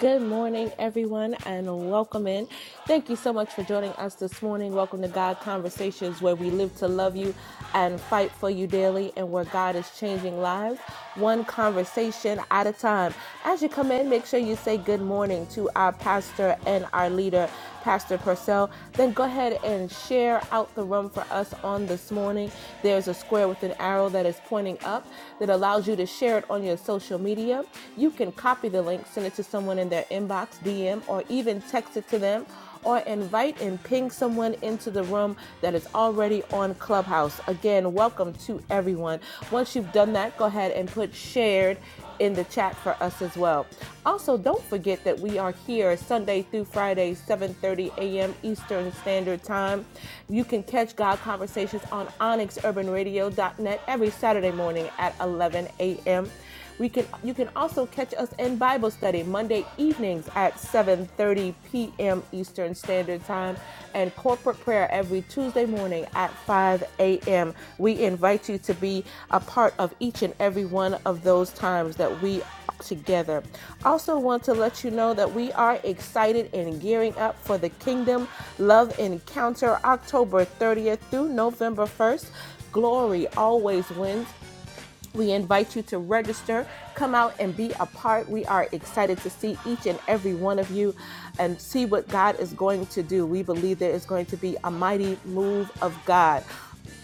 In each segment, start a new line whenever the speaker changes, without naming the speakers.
Good morning, everyone, and welcome in. Thank you so much for joining us this morning. Welcome to God Conversations, where we live to love you and fight for you daily, and where God is changing lives one conversation at a time. As you come in, make sure you say good morning to our pastor and our leader, Pastor Purcell. Then go ahead and share out the room for us on this morning. There's a square with an arrow that is pointing up that allows you to share it on your social media. You can copy the link, send it to someone in their inbox, DM, or even text it to them, or invite and ping someone into the room that is already on Clubhouse. Again, welcome to everyone. Once you've done that, go ahead and put shared in the chat for us as well. Also, don't forget that we are here Sunday through Friday, 7:30 a.m. Eastern Standard Time. You can catch God Conversations on onyxurbanradio.net every Saturday morning at 11 a.m. We can you can also catch us in Bible study Monday evenings at 7:30 p.m. Eastern Standard Time and corporate prayer every Tuesday morning at 5 a.m. We invite you to be a part of each and every one of those times that we are together. Also want to let you know that we are excited and gearing up for the Kingdom Love Encounter October 30th through November 1st. Glory always wins we invite you to register, come out and be a part. We are excited to see each and every one of you and see what God is going to do. We believe there is going to be a mighty move of God.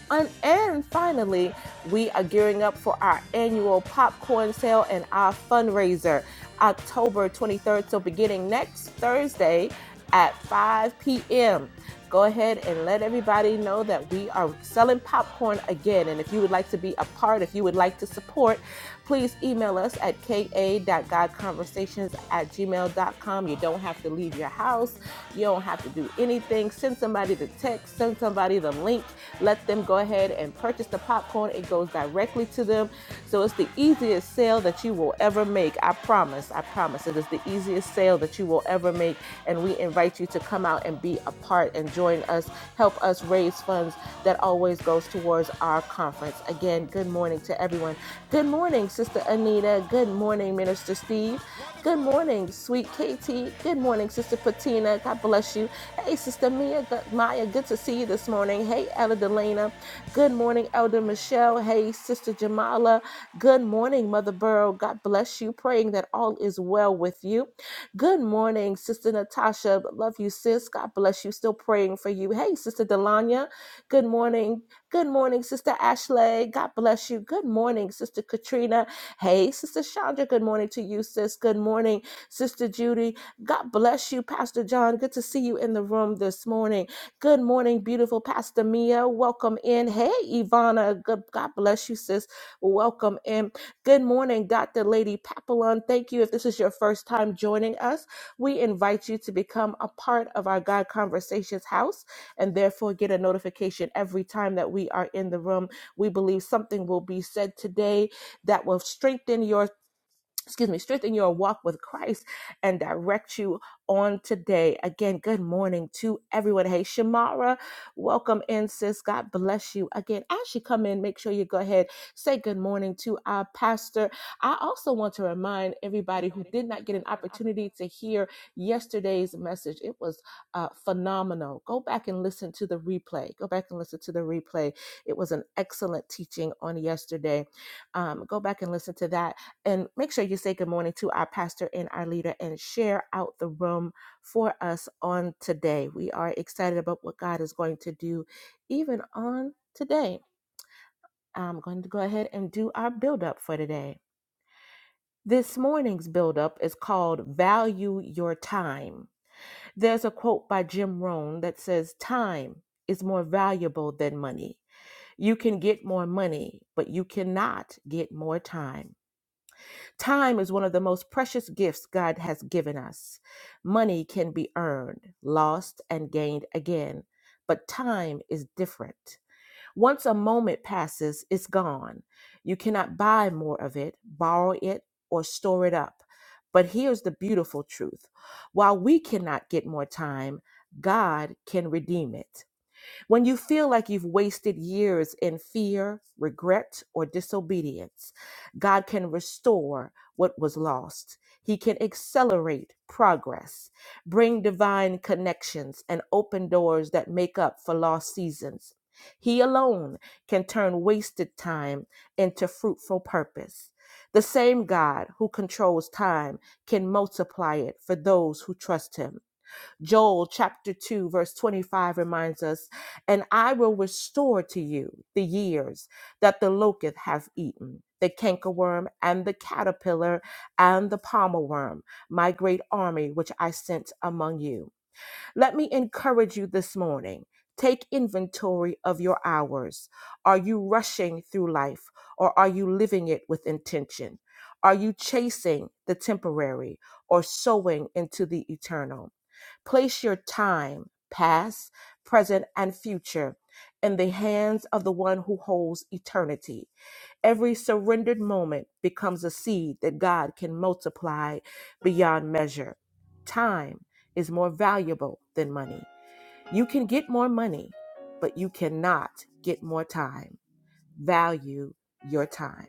And, and finally, we are gearing up for our annual popcorn sale and our fundraiser October 23rd. So, beginning next Thursday at 5 p.m., go ahead and let everybody know that we are selling popcorn again. And if you would like to be a part, if you would like to support, please email us at ka.godconversations at gmail.com. You don't have to leave your house, you don't have to do anything. Send somebody the text, send somebody the link let them go ahead and purchase the popcorn. It goes directly to them. So it's the easiest sale that you will ever make. I promise. I promise. It is the easiest sale that you will ever make. And we invite you to come out and be a part and join us, help us raise funds that always goes towards our conference. Again, good morning to everyone. Good morning, Sister Anita. Good morning, Minister Steve. Good
Wonderful.
morning, sweet Katie. Good morning, Sister Patina. God bless you. Hey, Sister Mia, good, Maya, good to see you this morning. Hey, Elder Delana. Good morning, Elder
Yeah.
Michelle. Hey, Sister Jamala. Good morning, Mother Burrow. God bless you. Praying that all is well with you. Good morning, Sister Natasha. Love you, sis. God bless you. Still praying for you. Hey, Sister Delanya. Good morning. Good morning, Sister Ashley. God bless you. Good morning, Sister Katrina. Hey, Sister Chandra. Good morning to you, sis. Good morning, Sister Judy. God bless you, Pastor John. Good to see you in the room this morning. Good morning, beautiful Pastor Mia. Welcome in. Hey, Ivana. Good. God bless you, sis. Welcome in. Good morning, Dr. Lady Papillon. Thank you. If this is your first time joining us, we invite you to become a part of our God Conversations house and therefore get a notification every time that we are in the room. We believe something will be said today that will strengthen your excuse me, strengthen your walk with Christ and direct you on today. Again, good morning to everyone. Hey, Shamara, welcome in, sis. God bless you. Again, as you come in, make sure you go ahead, say good morning to our pastor. I also want to remind everybody who did not get an opportunity to hear yesterday's message. It was uh, phenomenal. Go back and listen to the replay. Go back and listen to the replay. It was an excellent teaching on yesterday. Um, go back and listen to that and make sure you say good morning to our pastor and our leader and share out the room for us on today. We are excited about what God is going to do even on today. I'm going to go ahead and do our build up for today. This morning's build up is called Value Your Time. There's a quote by Jim Rohn that says, Time is more valuable than money. You can get more money, but you cannot get more time. Time is one of the most precious gifts God has given us. Money can be earned, lost, and gained again, but time is different. Once a moment passes, it's gone. You cannot buy more of it, borrow it, or store it up. But here's the beautiful truth while we cannot get more time, God can redeem it. When you feel like you've wasted years in fear, regret, or disobedience, God can restore what was lost. He can accelerate progress, bring divine connections, and open doors that make up for lost seasons. He alone can turn wasted time into fruitful purpose. The same God who controls time can multiply it for those who trust Him. Joel chapter 2, verse 25 reminds us, And I will restore to you the years that the locust hath eaten, the cankerworm, and the caterpillar, and the palmer worm, my great army which I sent among you. Let me encourage you this morning. Take inventory of your hours. Are you rushing through life or are you living it with intention? Are you chasing the temporary or sowing into the eternal? Place your time, past, present, and future in the hands of the one who holds eternity. Every surrendered moment becomes a seed that God can multiply beyond measure. Time is more valuable than money. You can get more money, but you cannot get more time. Value your time.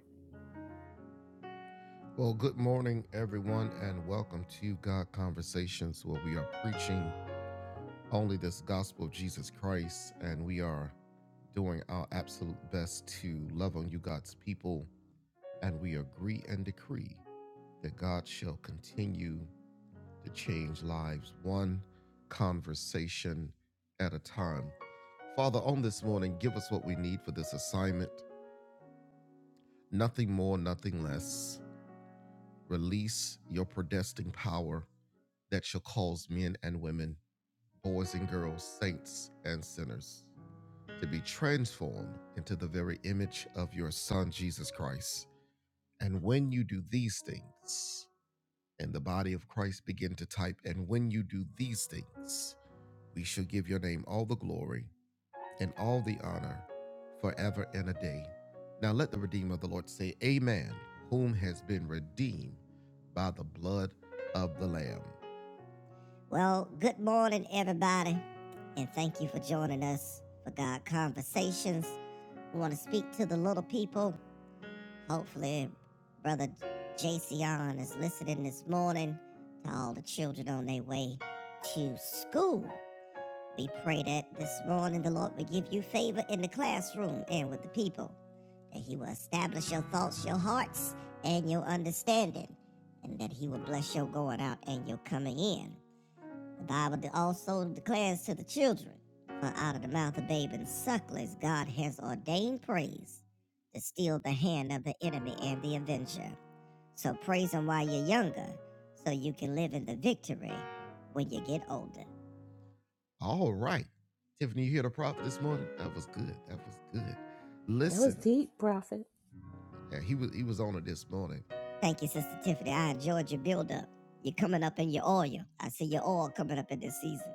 Well, good morning, everyone, and welcome to God Conversations, where we are preaching only this gospel of Jesus Christ, and we are doing our absolute best to love on you, God's people, and we agree and decree that God shall continue to change lives one conversation at a time. Father, on this morning, give us what we need for this assignment. Nothing more, nothing less. Release your predestined power that shall cause men and women, boys and girls, saints and sinners to be transformed into the very image of your Son, Jesus Christ. And when you do these things, and the body of Christ begin to type, and when you do these things, we shall give your name all the glory and all the honor forever and a day. Now let the Redeemer of the Lord say, Amen, whom has been redeemed by the blood of the Lamb. Well, good morning, everybody, and thank you for joining us for God Conversations. We want to speak to the little people. Hopefully, Brother Jason is listening this morning to all the children on their way to school. We pray that this morning the Lord will give you favor in the classroom and with the people, that He will establish your thoughts, your hearts, and your understanding, and that He will bless your going out and your coming in. The Bible also declares to the children, For out of the mouth of babes and sucklers God has ordained praise to steal the hand of the enemy and the avenger. So praise Him while you're younger, so you can live in the victory when you get older. All right. Tiffany, you hear the prophet this morning? That was good. That was good.
That was
Listen,
deep, Prophet.
yeah, he was he was on it this morning. Thank you, Sister Tiffany. I enjoyed your build up. You're coming up in your oil. I see your oil coming up in this season.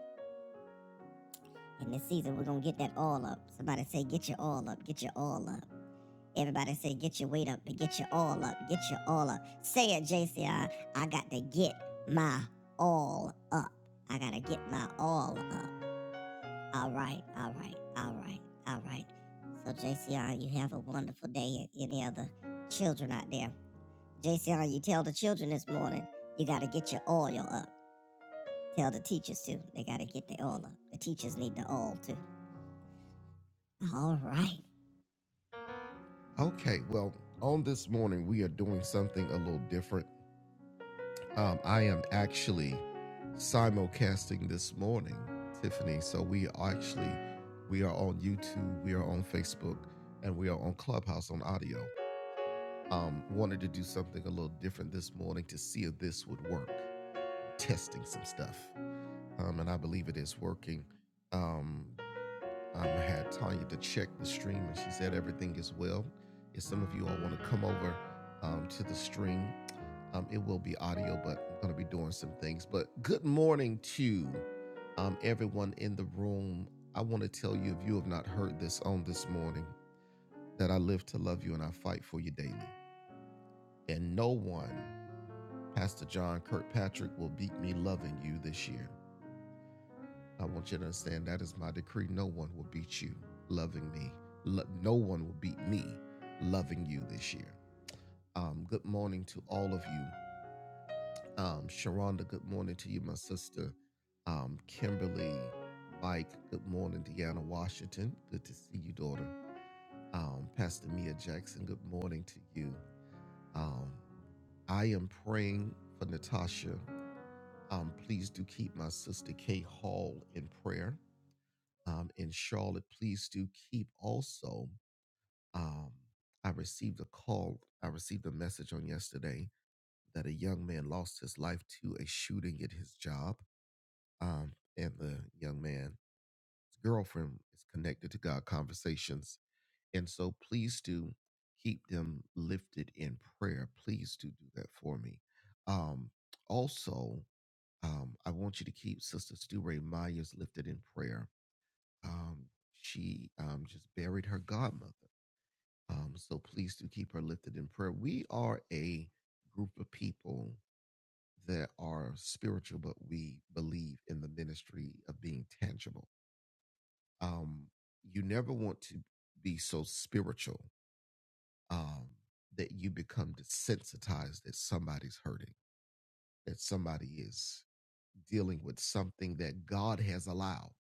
In this season, we're going to get that oil up. Somebody say, get your oil up, get your oil up. Everybody say, get your weight up, but get your oil up, get your oil up. Say it, JCI. I I got to get my oil up. I got to get my oil up. All right, all right, all right, all right. So, JCR, you have a wonderful day. And any other children out there, JCR, you tell the children this morning you got to get your oil up. Tell the teachers too, they got to get their oil up. The teachers need the oil too. All right. Okay, well, on this morning, we are doing something a little different. Um, I am actually simulcasting this morning, Tiffany. So we are actually we are on YouTube, we are on Facebook, and we are on Clubhouse on audio. Um, wanted to do something a little different this morning to see if this would work. Testing some stuff, um, and I believe it is working. Um, um, I had Tanya to check the stream, and she said everything is well. If some of you all want to come over um, to the stream, um, it will be audio, but I'm going to be doing some things. But good morning to um, everyone in the room. I want to tell you, if you have not heard this on this morning, that I live to love you and I fight for you daily. And no one, Pastor John Kirkpatrick, will beat me loving you this year. I want you to understand that is my decree. No one will beat you loving me. Lo- no one will beat me loving you this year. Um, good morning to all of you. Um, Sharonda, good morning to you, my sister. Um, Kimberly, Mike, good morning. Deanna Washington, good to see you, daughter. Um, Pastor Mia Jackson, good morning to you. Um, I am praying for Natasha. Um, please do keep my sister Kay Hall in prayer. um, in Charlotte, please do keep also. Um, I received a call, I received a message on yesterday that a young man lost his life to a shooting at his job. Um, and the young man's girlfriend is connected to God Conversations. And so please do keep them lifted in prayer. Please do do that for me. Um, also, um, I want you to keep Sister Stu Ray Myers lifted in prayer um, she um, just buried her godmother. Um, so please do keep her lifted in prayer. We are a group of people that are spiritual, but we believe in the ministry of being tangible. Um, you never want to be so spiritual um, that you become desensitized that somebody's hurting, that somebody is dealing with something that God has allowed.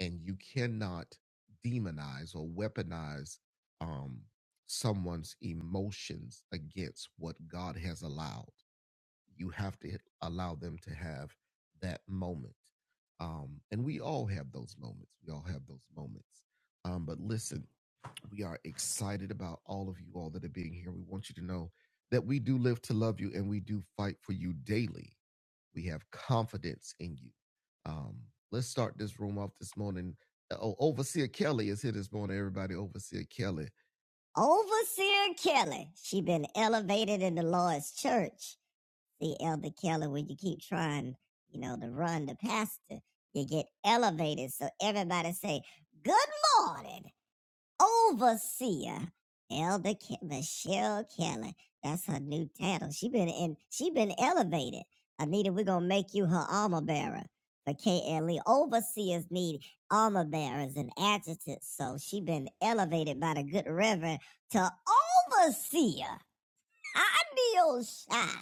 and you cannot demonize or weaponize um, someone's emotions against what God has allowed. You have to allow them to have that moment. Um, and we all have those moments. We all have those moments. Um, but listen, we are excited about all of you all that are being here. We want you to know that we do live to love you and we do fight for you daily. We have confidence in you. Um, let's start this room off this morning. Uh, Oh, Overseer Kelly is here this morning, everybody. Overseer Kelly. Overseer Kelly. She been elevated in the Lord's church. See, Elder Kelly, when you keep trying, you know, to run the pastor, you get elevated. So everybody say, good morning overseer elder Ke- michelle keller that's her new title she been in she been elevated anita we're gonna make you her armor bearer for KLE overseers need armor bearers and adjutants, so she been elevated by the good reverend to overseer. I deal shy.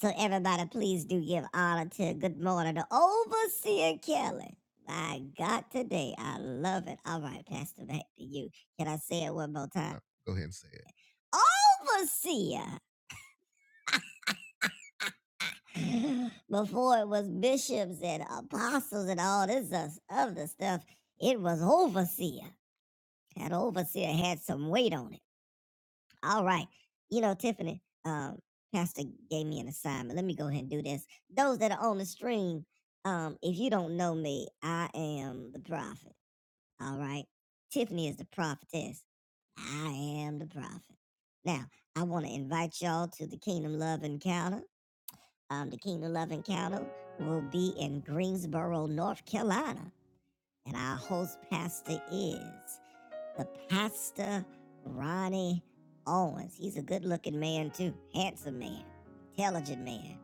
So everybody, please do give honor to good morning to overseer Kelly. My God, today I love it. All right, Pastor, back to you. Can I say it one more time? Go ahead and say it. Overseer. Before it was bishops and apostles and all this uh, other stuff, it was overseer. That overseer had some weight on it. All right. You know, Tiffany, um, Pastor gave me an assignment. Let me go ahead and do this. Those that are on the stream, um, if you don't know me, I am the prophet. All right. Tiffany is the prophetess. I am the prophet. Now, I want to invite y'all to the Kingdom Love Encounter. Um, the Kingdom Love Encounter will be in Greensboro, North Carolina, and our host pastor is the pastor, Ronnie Owens. He's a good looking man, too. Handsome man, intelligent man,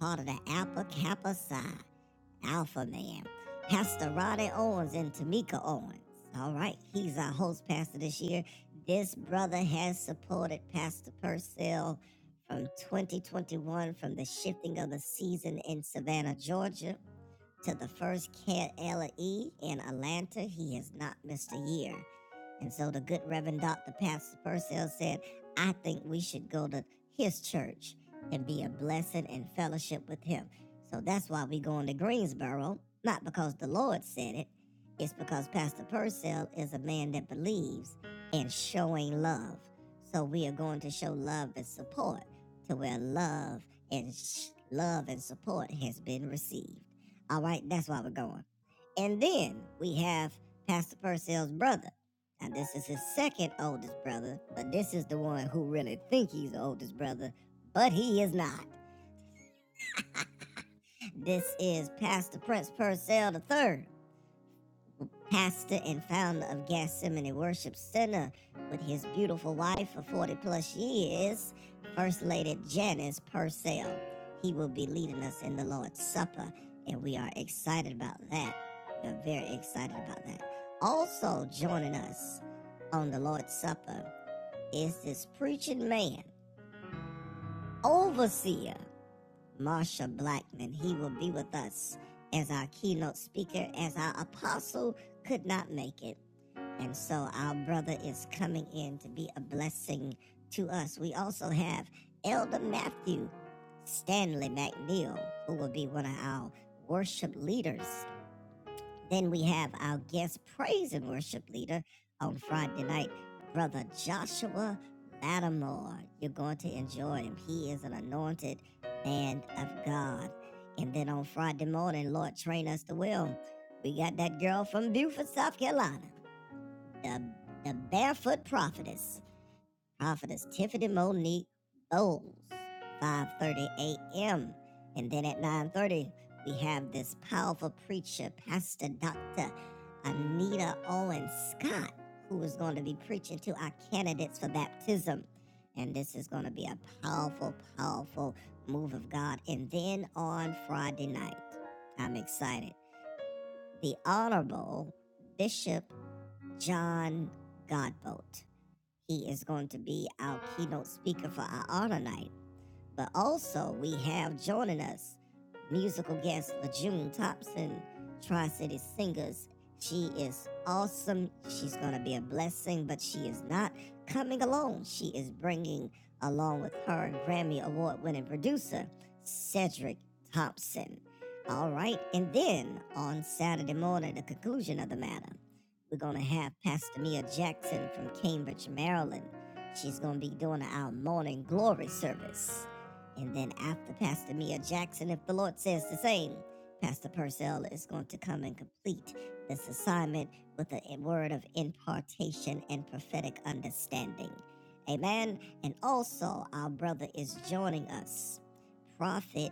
part of the Alpha Kappa Psi, Alpha man. Pastor Ronnie Owens and Tamika Owens. All right, he's our host pastor this year. This brother has supported Pastor Purcell from 2021 from the shifting of the season in Savannah, Georgia to the first KLE in Atlanta. He has not missed a year. And so the good Reverend Dr. Pastor Purcell said, I think we should go to his church and be a blessing and fellowship with him. So that's why we are going to Greensboro, not because the Lord said it. It's because Pastor Purcell is a man that believes in showing love. So we are going to show love and support to where love and sh- love and support has been received. All right, that's why we're going. And then we have Pastor Purcell's brother, now this is his second oldest brother, but this is the one who really think he's the oldest brother, but he is not. This is Pastor Prince Purcell III, pastor and founder of Gethsemane Worship Center with his beautiful wife for 40 plus years, First Lady Janice Purcell. He will be leading us in the Lord's Supper, and we are excited about that. We're very excited about that. Also joining us on the Lord's Supper is this preaching man, overseer Marsha Blackman. He will be with us as our keynote speaker, as our apostle could not make it. And so our brother is coming in to be a blessing to us. We also have Elder Matthew Stanley McNeil, who will be one of our worship leaders then we have our guest praise and worship leader on Friday night, Brother Joshua Lattimore. You're going to enjoy him. He is an anointed man of God. And then on Friday morning, Lord, train us to will. We got that girl from Beaufort, South Carolina, the, the barefoot prophetess. Prophetess Tiffany Monique Bowles, 5:30 a.m. And then at 9:30, we have this powerful preacher, Pastor Dr. Anita Owen Scott, who is going to be preaching to our candidates for baptism. And this is going to be a powerful, powerful move of God. And then on Friday night, I'm excited. The Honorable Bishop John Godbolt he is going to be our keynote speaker for our honor night. But also, we have joining us musical guest LaJune Thompson, Tri City Singers. She is awesome. She's going to be a blessing, but she is not coming alone. She is bringing along with her Grammy Award winning producer, Cedric Thompson. All right. And then on Saturday morning, the conclusion of the matter, we're going to have Pastor Mia Jackson from Cambridge, Maryland. She's going to be doing our morning glory service. And then after Pastor Mia Jackson, if the Lord says the same, Pastor Purcell is going to come and complete this assignment with a word of impartation and prophetic understanding. Amen. And also, our brother is joining us, Prophet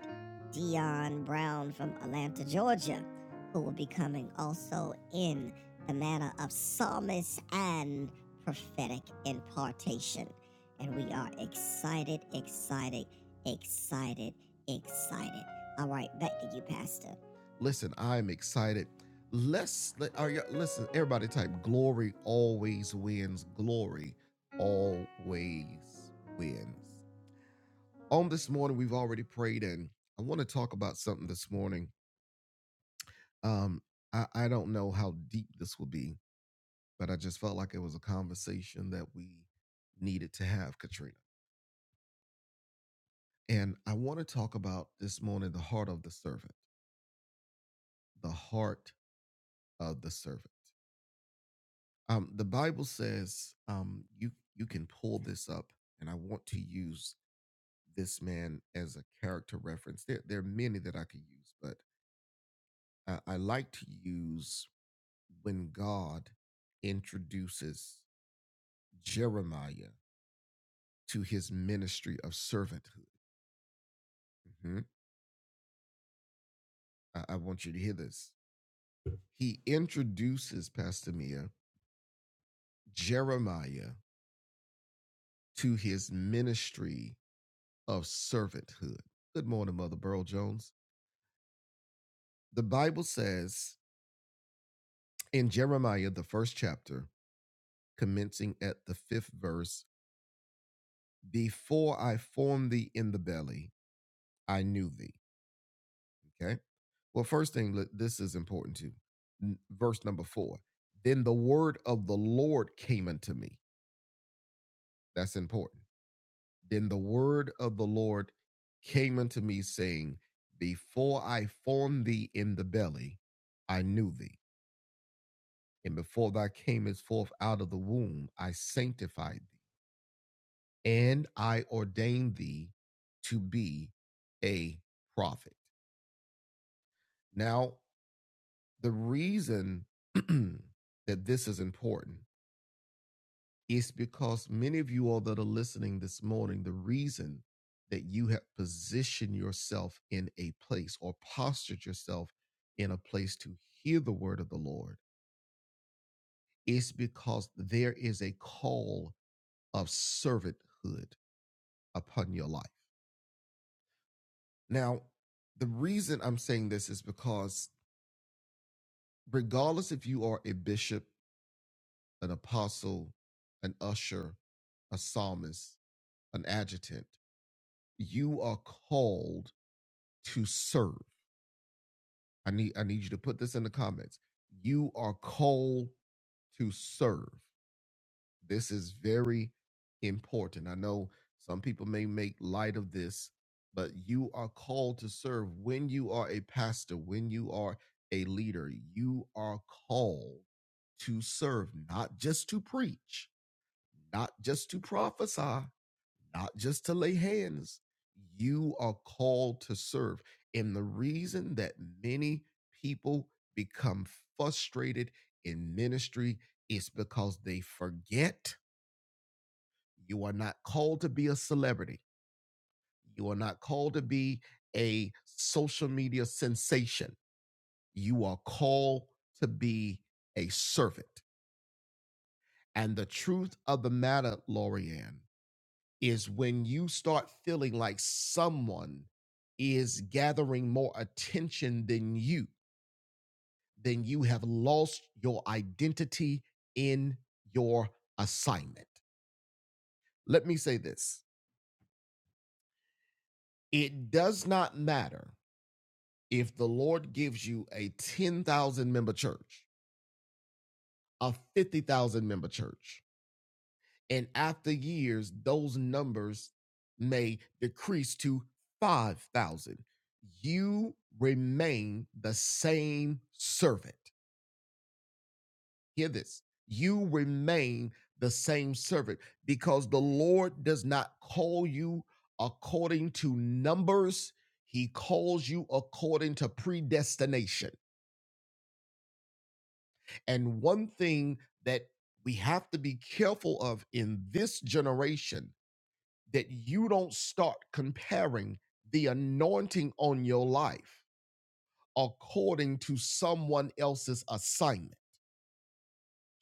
Dion Brown from Atlanta, Georgia, who will be coming also in the manner of psalmist and prophetic impartation. And we are excited, excited Excited, excited. All right, back to you, Pastor. Listen, I'm excited. Let's let are you listen, everybody type glory always wins. Glory always wins. On this morning, we've already prayed, and I want to talk about something this morning. Um, I, I don't know how deep this will be, but I just felt like it was a conversation that we needed to have, Katrina. And I want to talk about this morning the heart of the servant. The heart Of the servant. Um, the Bible says um, you you can pull this up, and I want to use this man as a character reference. There there are many that I could use, but I, I like to use when God introduces Jeremiah to his ministry of servanthood. Mhm. I, I want you to hear this. He introduces Pastor Mia Jeremiah to his ministry of servanthood. Good morning, Mother Burl Jones. The Bible says in Jeremiah, the first chapter, commencing at the fifth verse, Before I formed thee in the belly, I knew thee. Okay. Well, first thing, this is important too. Verse number four. Then the word of the Lord came unto me. That's important. Then the word of the Lord came unto me, saying, Before I formed thee in the belly, I knew thee. And before thou camest forth out of the womb, I sanctified thee and I ordained thee to be a prophet. Now, the reason that this is important is because many of you all that are listening this morning, the reason that you have positioned yourself in a place or postured yourself in a place to hear the word of the Lord is because there is a call of servanthood upon your life. Now, the reason I'm saying this is because regardless if you are a bishop, an apostle, an usher, a psalmist, an adjutant, you are called to serve. I need I need you to put this in the comments. You are called to serve. This is very important. I know some people may make light of this, but you are called to serve when you are a pastor, when you are a leader. You are called to serve, not just to preach, not just to prophesy, not just to lay hands. You are called to serve. And the reason that many people become frustrated in ministry is because they forget you are not called to be a celebrity. You are not called to be a social media sensation. You are called to be a servant. And the truth of the matter, Loriann, is when you start feeling like someone is gathering more attention than you, then you have lost your identity in your assignment. Let me say this it does not matter if the Lord gives you a 10,000 member church, a 50,000 member church, and after years, those numbers may decrease to 5,000, you remain the same servant. Hear this you remain the same servant because the Lord does not call you according to numbers, He calls you according to predestination. And one thing that we have to be careful of in this generation that you don't start comparing the anointing on your life according to someone else's assignment.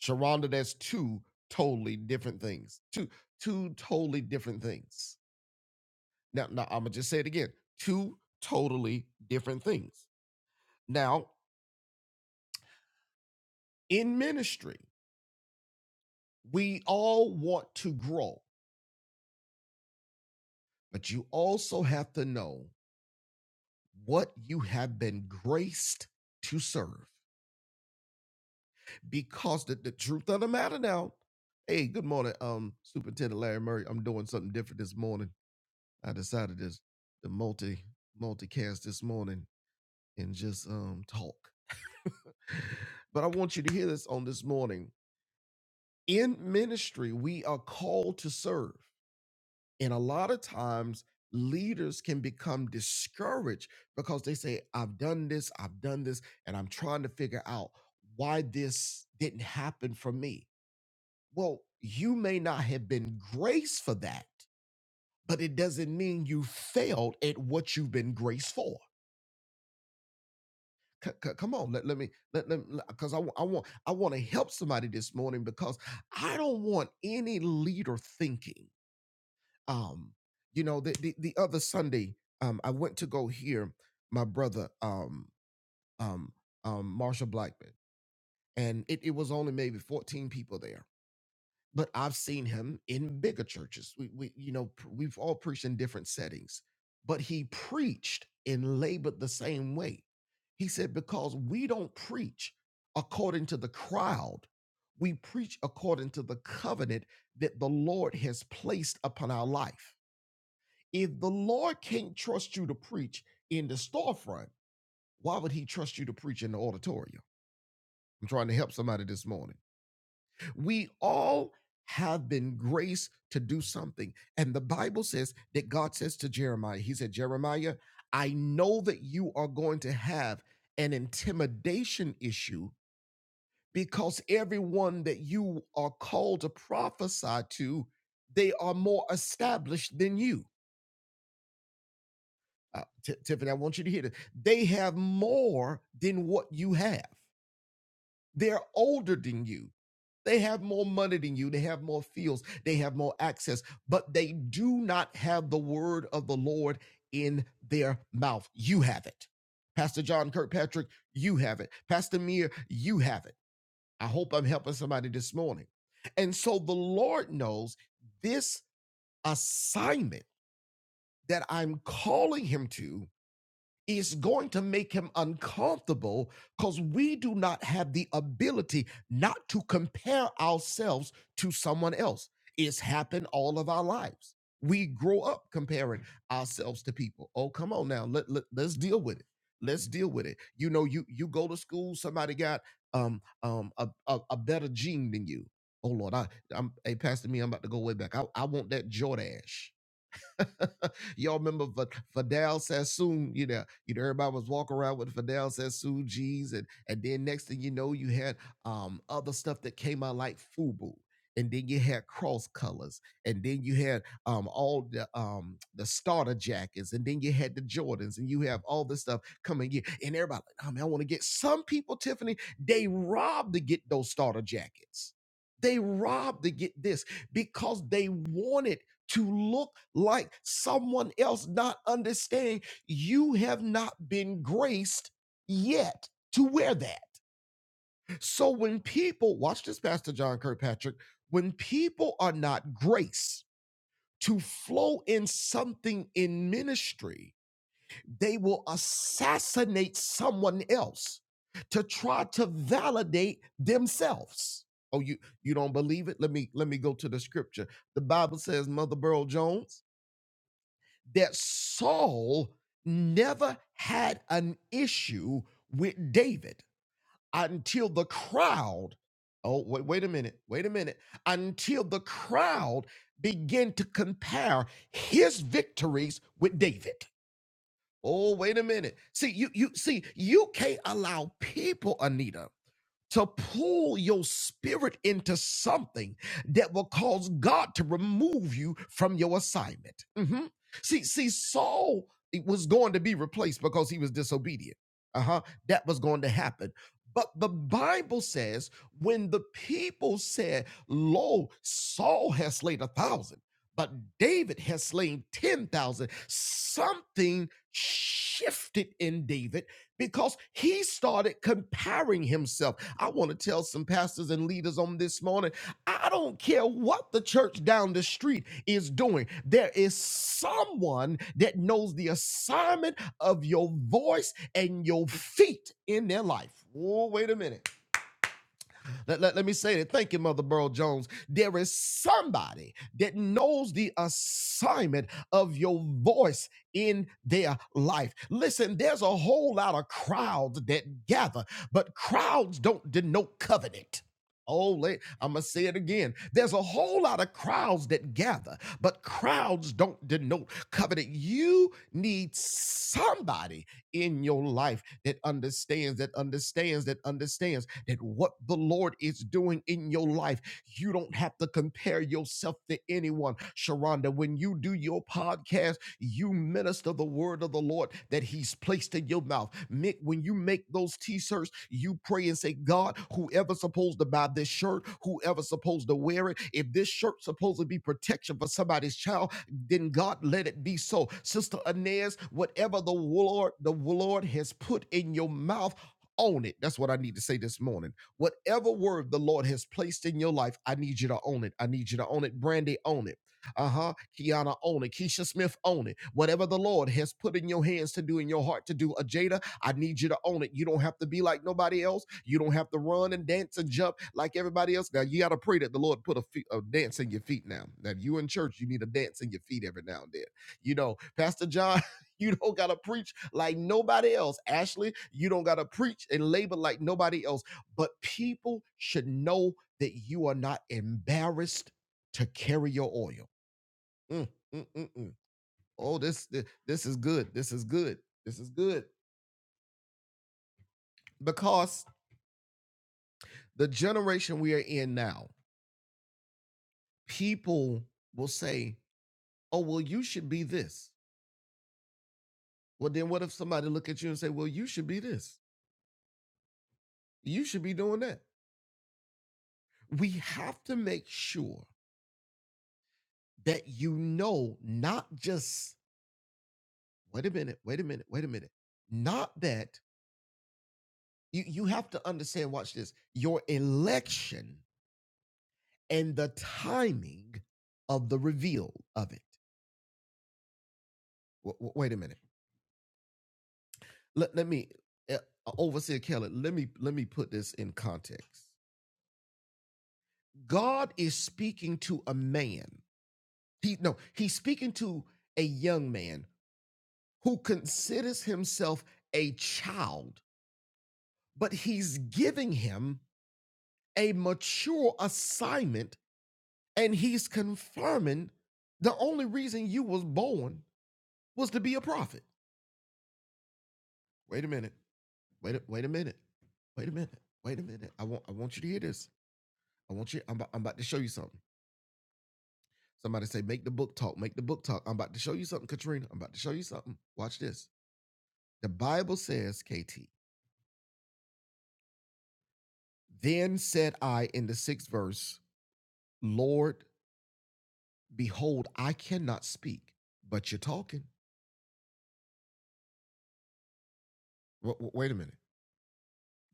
Sharonda, that's two totally different things. Two two totally different things. Now, now I'm gonna just say it again. Two totally different things. Now, in ministry, we all want to grow, but you also have to know what you have been graced to serve. Because the, the truth of the matter now, hey, good morning, um, Superintendent Larry Murray. I'm doing something different this morning. I decided to, to multi multicast this morning and just um talk. but I want you to hear this on this morning. In ministry, we are called to serve. And a lot of times, leaders can become discouraged because they say, I've done this, I've done this, and I'm trying to figure out why this didn't happen for me. Well, you may not have been graced for that, but it doesn't mean you failed at what you've been graced for. C- c- come on, let, let me, let, let, because I, wa- I want, I want to help somebody this morning because I don't want any leader thinking. um you know the the, the other sunday um i went to go hear my brother um um um marshall blackman and it, it was only maybe 14 people there but i've seen him in bigger churches we, we you know pr- we've all preached in different settings but he preached and labored the same way he said because we don't preach according to the crowd we preach according to the covenant that the lord has placed upon our life if the Lord can't trust you to preach in the storefront, why would he trust you to preach in the auditorium? I'm trying to help somebody this morning. We all have been graced to do something. And the Bible says that God says to Jeremiah, He said, Jeremiah, I know that you are going to have an intimidation issue because everyone that you are called to prophesy to, they are more established than you. uh, Ti- Tiffany, I want you to hear this. They have more than what you have. They're older than you. They have more money than you. They have more fields. They have more access, but they do not have the word of the Lord in their mouth. You have it. Pastor John Kirkpatrick, you have it. Pastor Meir, you have it. I hope I'm helping somebody this morning. And so the Lord knows this assignment that I'm calling him to is going to make him uncomfortable because we do not have the ability not to compare ourselves to someone else. It's happened all of our lives. We grow up comparing ourselves to people. Oh, come on now. Let, let, let's deal with it. Let's deal with it. You know, you you go to school, somebody got um um a, a, a better gene than you. Oh Lord, I I'm hey Pastor me, I'm about to go way back. I, I want that Jordache. Y'all remember Va- Fidel Sassoon? You know, you know everybody was walking around with Fidel Sassoon G's, and and then next thing you know, you had um other stuff that came out like Fubu, and then you had cross colors, and then you had um all the um the starter jackets, and then you had the Jordans, and you have all this stuff coming in, and everybody, like, oh man, I want to get some people, Tiffany, they robbed to get those starter jackets. They robbed to get this because they wanted to look like someone else, not understanding you have not been graced yet to wear that. So when people, watch this, Pastor John Kirkpatrick, when people are not graced to flow in something in ministry, they will assassinate someone else to try to validate themselves. Oh, you you don't believe it? Let me let me go to the scripture. The Bible says Mother Burl Jones that Saul never had an issue with David until the crowd. Oh, wait, wait a minute. Wait a minute. Until the crowd began to compare his victories with David. Oh, wait a minute. See, you you see, you can't allow people, Anita to pull your spirit into something that will cause God to remove you from your assignment. Mhm. See, see, Saul was going to be replaced because he was disobedient. Uh huh. That was going to happen. But the Bible says when the people said, Lo, Saul has slain a thousand, but David has slain 10,000," something shifted in David because he started comparing himself. I want to tell some pastors and leaders on this morning I don't care what the church down the street is doing, there is someone that knows the assignment of your voice and your feet in their life. Oh, wait a minute. Let, let, let me say it. Thank you, Mother Burl Jones. There is somebody that knows the assignment of your voice in their life. Listen, there's a whole lot of crowds that gather, but crowds don't denote covenant. Oh, I'm going to say it again. There's a whole lot of crowds that gather, but crowds don't denote covenant. You need somebody in your life that understands, that understands, that understands that what the Lord is doing in your life, you don't have to compare yourself to anyone. Sharonda, when you do your podcast, you minister the word of the Lord that He's placed in your mouth. Mick, when you make those t-shirts, you pray and say, God, whoever's supposed to buy this shirt, whoever's supposed to wear it, if this shirt's supposed to be protection for somebody's child, then God let it be so. Sister Inez, whatever the Lord, the Lord has put in your mouth own it. That's what I need to say this morning. Whatever word the Lord has placed in your life, I need you to own it. I need you to own it. Brandy, own it. Uh huh. Kiana, own it. Keisha Smith, own it. Whatever the Lord has put in your hands to do, in your heart to do, Ajada, I need you to own it. You don't have to be like nobody else. You don't have to run and dance and jump like everybody else. Now, you got to pray that the Lord put a, fe- a dance in your feet now. Now, if you in church, you need a dance in your feet every now and then. You know, Pastor John. You don't got to preach like nobody else. Ashley, you don't got to preach and labor like nobody else. But people should know that you are not embarrassed to carry your oil. Mm, mm, mm, mm. Oh, this, this this is good. This is good. This is good. Because the generation we are in now, people will say, "Oh, well you should be this." Well, then what if somebody look at you and say, "Well, you should be this. You should be doing that." We have to make sure that you know not just wait a minute wait a minute wait a minute not that you, you have to understand watch this your election and the timing of the reveal of it W- w- wait a minute let, let me uh, overseer kelly let me let me put this in context god is speaking to a man he no he's speaking to a young man who considers himself a child but he's giving him a mature assignment and he's confirming the only reason you was born was to be a prophet. Wait a minute. Wait a, wait a minute. Wait a minute. Wait a minute. I want I want you to hear this. I want you I'm about, I'm about to show you something. Somebody say make the book talk, make the book talk. I'm about to show you something Katrina. I'm about to show you something. Watch this. The Bible says, KT, then said I in the 6th verse, Lord, behold, I cannot speak, but you're talking. Wa- wa- wait a minute.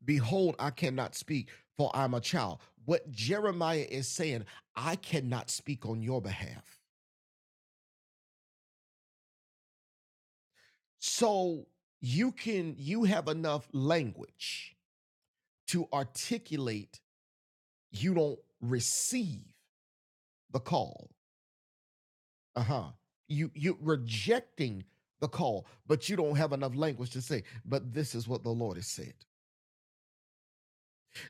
Behold, I cannot speak, for I'm a child. What Jeremiah is saying, I cannot speak on your behalf. So you can, you have enough language to articulate you don't receive the call. Uh huh. You, you rejecting the call, but you don't have enough language to say, but this is what the Lord has said.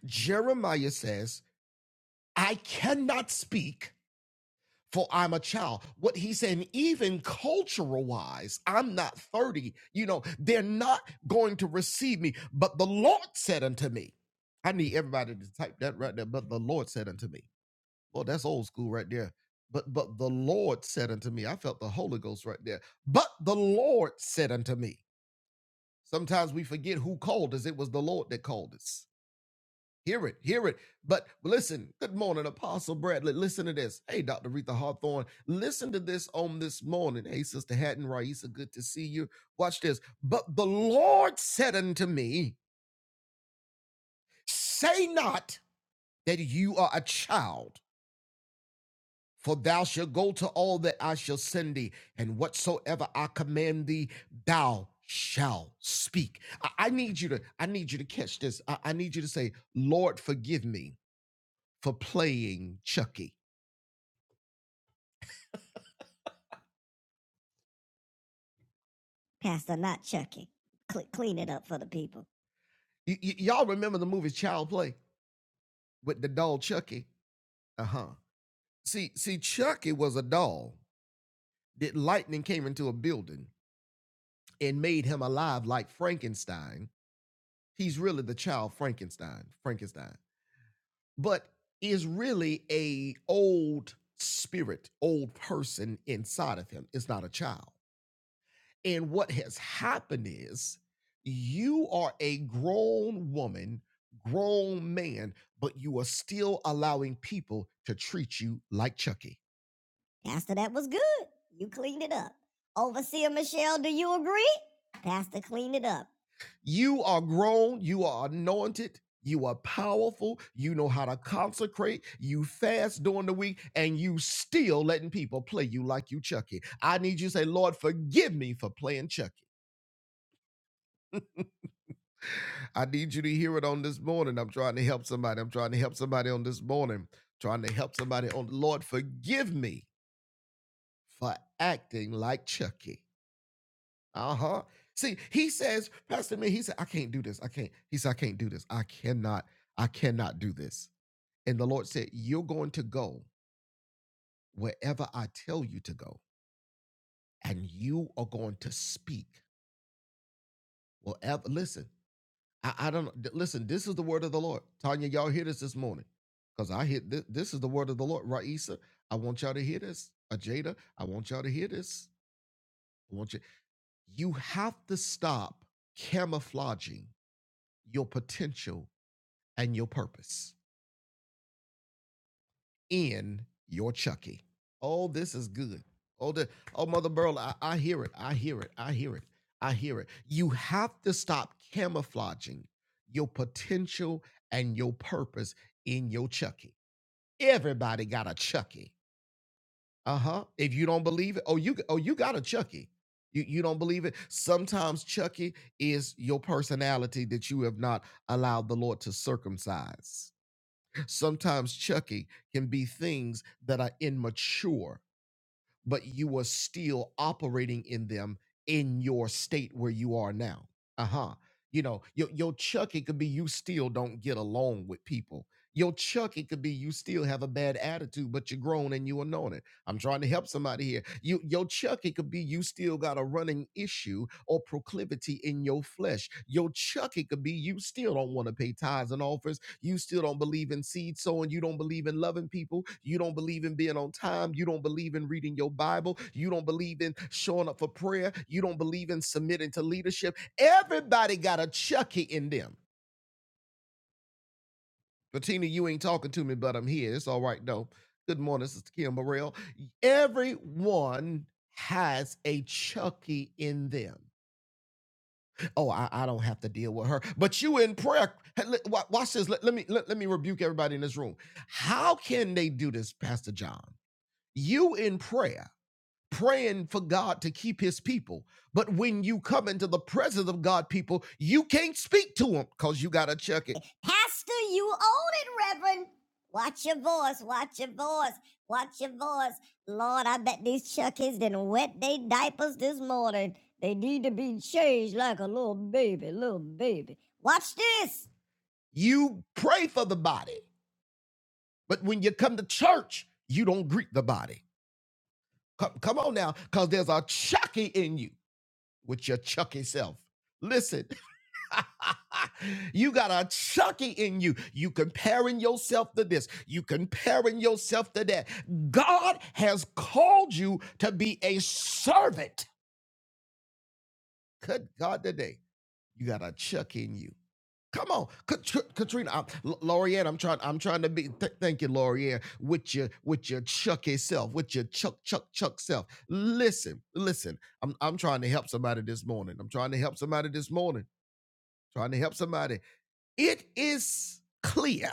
Jeremiah says, I cannot speak for I'm a child. What he's saying, even cultural wise, I'm not 30. You know, they're not going to receive me. But the Lord said unto me, I need everybody to type that right there. But the Lord said unto me, "Well, that's old school right there. But but the Lord said unto me, I felt the Holy Ghost right there. But the Lord said unto me. Sometimes we forget who called us. It was the Lord that called us. Hear it, hear it. But listen, good morning, Apostle Bradley. Listen to this. Hey, Dr. Retha Hawthorne, listen to this on this morning. Hey, Sister Hatton Raisa, good to see you. Watch this. But the Lord said unto me, Say not that you are a child, for thou shalt go to all that I shall send thee, and whatsoever I command thee, thou shalt speak. I, I need you to, I need you to catch this. I I need you to say, Lord, forgive me for playing Chucky. Pastor, not Chucky. Cle clean it up for the people. Y- y- y'all remember the movie Child Play with the doll Chucky? Uh huh. See, see, Chucky was a doll that lightning came into a building and made him alive like Frankenstein. He's really the child Frankenstein, Frankenstein, but is really a old spirit, old person inside of him. It's not a child. And what has happened is you are a grown woman, grown man, but you are still allowing people to treat you like Chucky. Pastor, that was good. You cleaned it up. Overseer Michelle, do you agree? Pastor, clean it up. You are grown, you are anointed, you are powerful, you know how to consecrate, you fast during the week, and you still letting people play you like you Chucky. I need you to say, Lord, forgive me for playing Chucky. I need you to hear it on this morning. I'm trying to help somebody. I'm trying to help somebody on this morning. Trying to help somebody on Lord, forgive me for acting like Chucky. Uh-huh. See, he says, Pastor Me, he said, I can't do this. I can't. He said, I can't do this. I cannot, I cannot do this. And the Lord said, You're going to go wherever I tell you to go, and you are going to speak. Wherever, listen, I, I don't know. Listen, this is the word of the Lord. Tanya, y'all hear this this morning. Because I hear this, this is the word of the Lord. Raisa, I want y'all to hear this. Ajada, I want y'all to hear this. I want you. You have to stop camouflaging your potential and your purpose. in your Chucky. Oh, this is good. Oh, the, oh, Mother Burl, I, I hear it. I hear it. I hear it. I hear it. You have to stop camouflaging your potential and your purpose in your Chucky. Everybody got a Chucky. Uh huh. If you don't believe it, oh you oh you got a Chucky. You you don't believe it. Sometimes Chucky is your personality that you have not allowed the Lord to circumcise. Sometimes Chucky can be things that are immature, but you are still operating in them in your state where you are now. Uh huh. You know, your, your Chucky could be you still don't get along with people. Your Chucky could be you still have a bad attitude, but you're grown and you anointed. I'm trying to help somebody here. You, your chuck, it could be you still got a running issue or proclivity in your flesh. Your chuck, it could be you still don't want to pay tithes and offers. You still don't believe in seed sowing. You don't believe in loving people. You don't believe in being on time. You don't believe in reading your Bible. You don't believe in showing up for prayer. You don't believe in submitting to leadership. Everybody got a chucky in them. Bettina, you ain't talking to me, but I'm here. It's all right, though. Good morning, Sister Kim Morrell. Everyone has a Chucky in them. Oh, I, I don't have to deal with her. But you in prayer. Hey, Watch this. Let, let me let, let me rebuke everybody in this room. How can they do this, Pastor John? You in prayer praying for God to keep his people. But when you come into the presence of God, people, you can't speak to them because you got to check it. Pastor, you own it, Reverend. Watch your voice, watch your voice, watch your voice. Lord, I bet these Chuckies didn't wet their diapers this morning. They need to be changed like a little baby, little baby. Watch this. You pray for the body, but when you come to church, you don't greet the body. Come, come on now, because there's a chucky in you with your chucky self. Listen, you got a chucky in you. You comparing yourself to this, you comparing yourself to that. God has called you to be a servant. Good God, today you got a chucky in you. Come on, Kat- Katrina, I'm, L- Lorianne. I'm trying. I'm trying to be. th- thank you, Lorianne. With your with your chucky self, with your chuck chuck chuck self. Listen, listen. I'm I'm trying to help somebody this morning. I'm trying to help somebody this morning trying to help somebody. It is clear,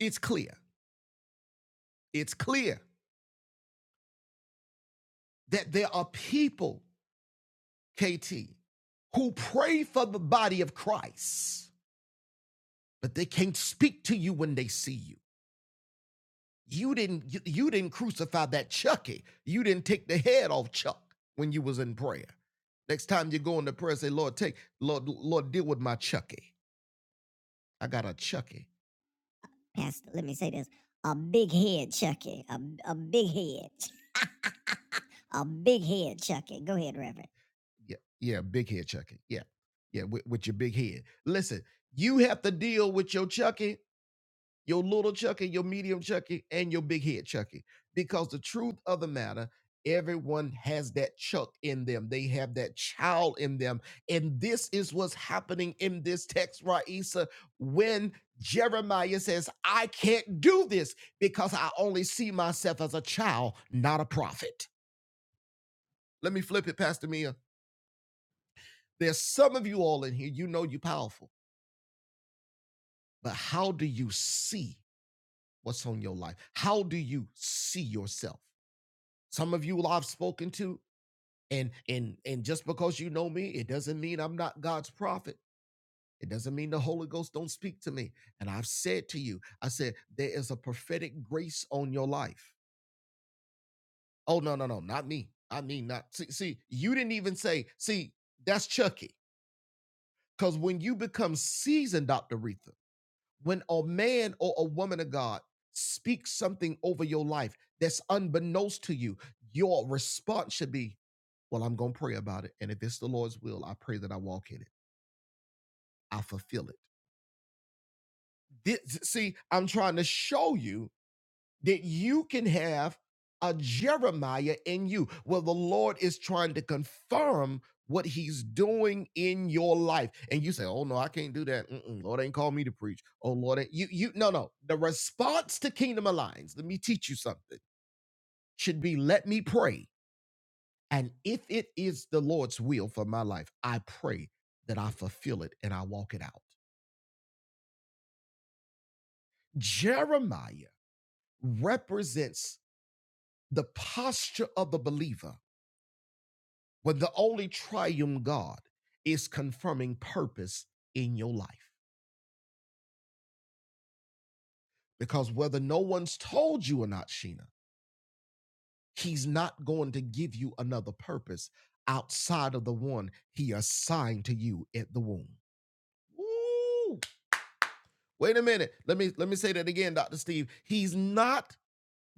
it's clear, it's clear that there are people, KT, who pray for the body of Christ, but they can't speak to you when they see you. You didn't you, you didn't crucify that Chucky. You didn't take the head off Chuck when you was in prayer. Next time you go into prayer, say, Lord, take, Lord, Lord, deal with my Chucky. I got a Chucky. Pastor, let me say this. A big head, Chucky. A, a big head. A big head chucking. Go ahead, Reverend. Yeah, yeah, big head chucking. Yeah, yeah, with, with your big head. Listen, you have to deal with your chucking, your little chucking, your medium chucking, and your big head chucking. Because the truth of the matter, everyone has that chuck in them. They have that child in them, and this is what's happening in this text, Raisa. When Jeremiah says, "I can't do this because I only see myself as a child, not a prophet." Let me flip it, Pastor Mia. There's some of you all in here, you know you're powerful, but how do you see what's on your life? How do you see yourself? Some of you I've spoken to, and and and just because you know me, it doesn't mean I'm not God's prophet. It doesn't mean the Holy Ghost don't speak to me. And I've said to you, I said, there is a prophetic grace on your life. Oh, no, no, no, not me. I mean, not see, see, you didn't even say, see, that's Chucky. Because when you become seasoned, Dr. Retha. when a man or a woman of God speaks something over your life that's unbeknownst to you, your response should be, Well, I'm going to pray about it. And if it's the Lord's will, I pray that I walk in it, I fulfill it. This, see, I'm trying to show you that you can have a Jeremiah in you. Well, the Lord is trying to confirm what he's doing in your life. And you say, Oh no, I can't do that. Mm-mm, Lord ain't called me to preach. Oh Lord, ain't- you you no no. The response to Kingdom Alliance, let me teach you something, should be let me pray. And if it is the Lord's will for my life, I pray that I fulfill it and I walk it out. Jeremiah represents the posture of the believer But the only triumph God is confirming purpose in your life. Because whether no one's told you or not, Sheena, he's not going to give you another purpose outside of the one he assigned to you at the womb. Ooh. Wait a minute. Let me let me say that again, Dr. Steve. He's not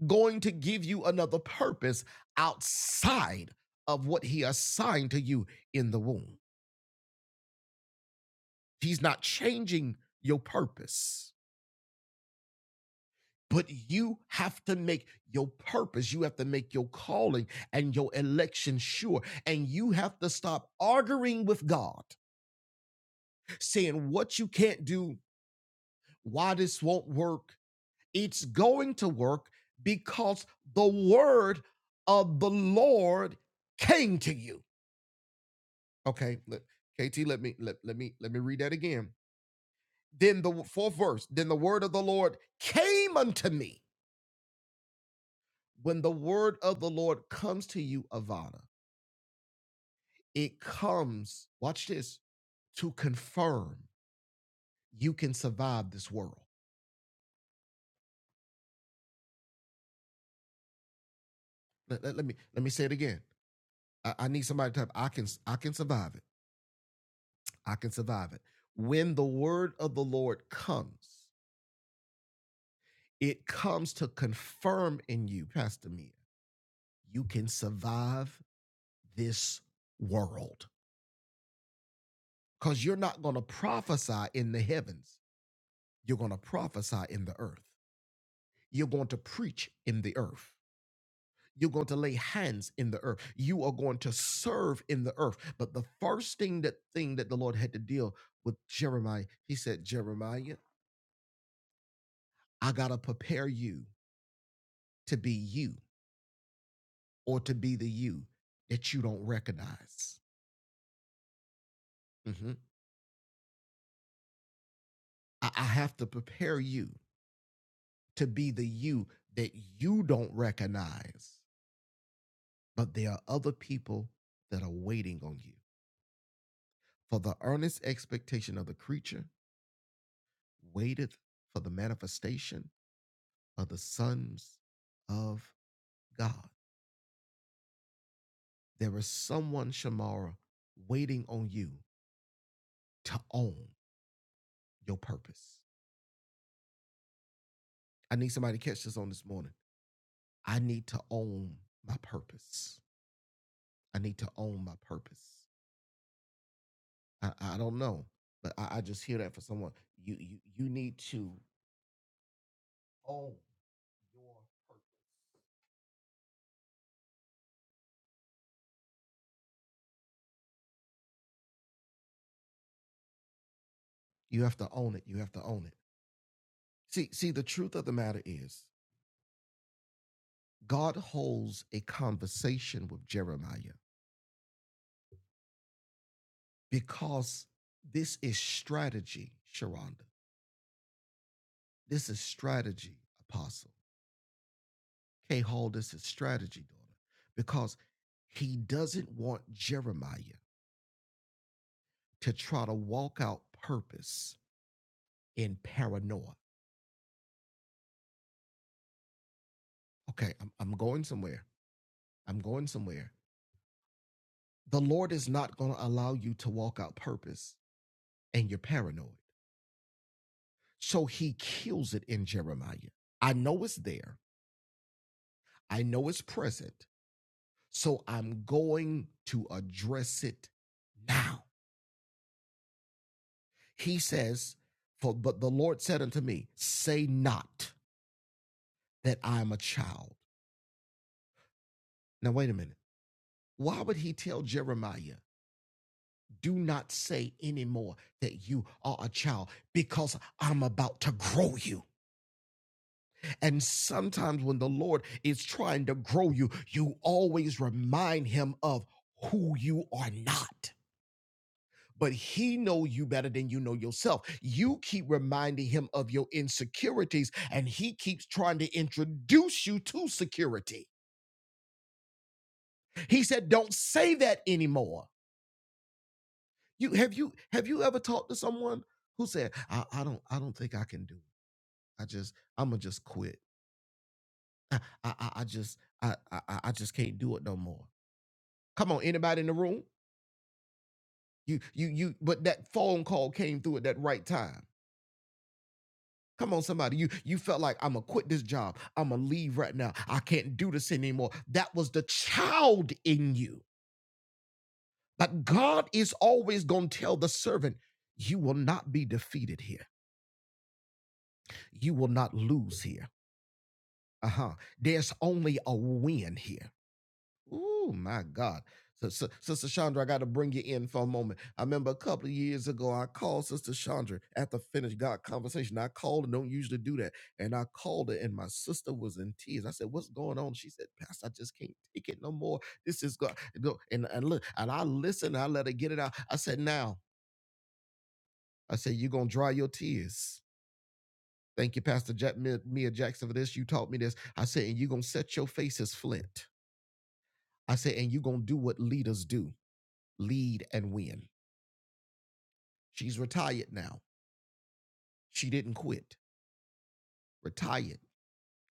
going to give you another purpose outside of what he assigned to you in the womb. He's not changing your purpose. But you have to make your purpose, you have to make your calling and your election sure. And you have to stop arguing with God, saying what you can't do, why this won't work. It's going to work because the word of the Lord came to you. Okay, let, KT, let me let, let me let me read that again. Then the fourth verse, then the word of the Lord came unto me. When the word of the Lord comes to you, Avada It comes, watch this, to confirm you can survive this world. Let, let- let me let me say it again. I, I need somebody to type, I can I can survive it. I can survive it. When the word of the Lord comes, it comes to confirm in you, Pastor Mia, you can survive this world. Because you're not going to prophesy in the heavens. You're going to prophesy in the earth. You're going to preach in the earth. You're going to lay hands in the earth. You are going to serve in the earth. But the first thing that thing that the Lord had to deal with Jeremiah, he said, Jeremiah, I gotta prepare you to be you or to be the you that you don't recognize. Mhm. I, I have to prepare you to be the you that you don't recognize. But there are other people that are waiting on you. For the earnest expectation of the creature waiteth for the manifestation are the sons of God. There is someone, Shamara, waiting on you to own your purpose. I need somebody to catch this on this morning. I need to own my purpose. I need to own my purpose. I, I don't know, but I, I just hear that for someone. You, you you need to own your purpose. You have to own it. You have to own it. See, see, the truth of the matter is God holds a conversation with Jeremiah because this is strategy, Sharonda. This is strategy, Apostle. K. Hall, this is strategy, daughter, because he doesn't want Jeremiah to try to walk out purpose in paranoia. Okay, I'm, I'm going somewhere. I'm going somewhere. The Lord is not going to allow you to walk out purpose and you're paranoid. So he kills it in Jeremiah. I know it's there. I know it's present. So I'm going to address it now. He says, for, but the Lord said unto me, say not that I am a child. Now, wait a minute. Why would he tell Jeremiah, do not say anymore that you are a child because I'm about to grow you. And sometimes when the Lord is trying to grow you, you always remind him of who you are not. but he know you better than you know yourself you keep reminding him of your insecurities and he keeps trying to introduce you to security he said don't say that anymore you have you have you ever talked to someone who said i, I don't i don't think i can do it i just i'ma just quit i i, I just I i I just can't do it no more come on anybody in the room you you you but that phone call came through at that right time Come on, somebody. You you felt like I'm gonna quit this job. I'm gonna leave right now. I can't do this anymore. That was the child in you. But God is always gonna tell the servant, you will not be defeated here. You will not lose here. Uh-huh. There's only a win here. Ooh, my God. So, so, Sister Chandra, I got to bring you in for a moment. I remember a couple of years ago, I called Sister Chandra after finished God conversation. I called and don't usually do that. And I called her, and my sister was in tears. I said, What's going on? She said, Pastor, I just can't take it no more. This is God. Go- And, and look, and I listened, I let her get it out. I said, Now, I said, You're going to dry your tears. Thank you, Pastor Jack, Mia Mia Jackson, for this. You taught me this. I said, And you're going to set your face as flint. I said, And you're going to do what leaders do. lead and win. She's retired now. She didn't quit. Retired.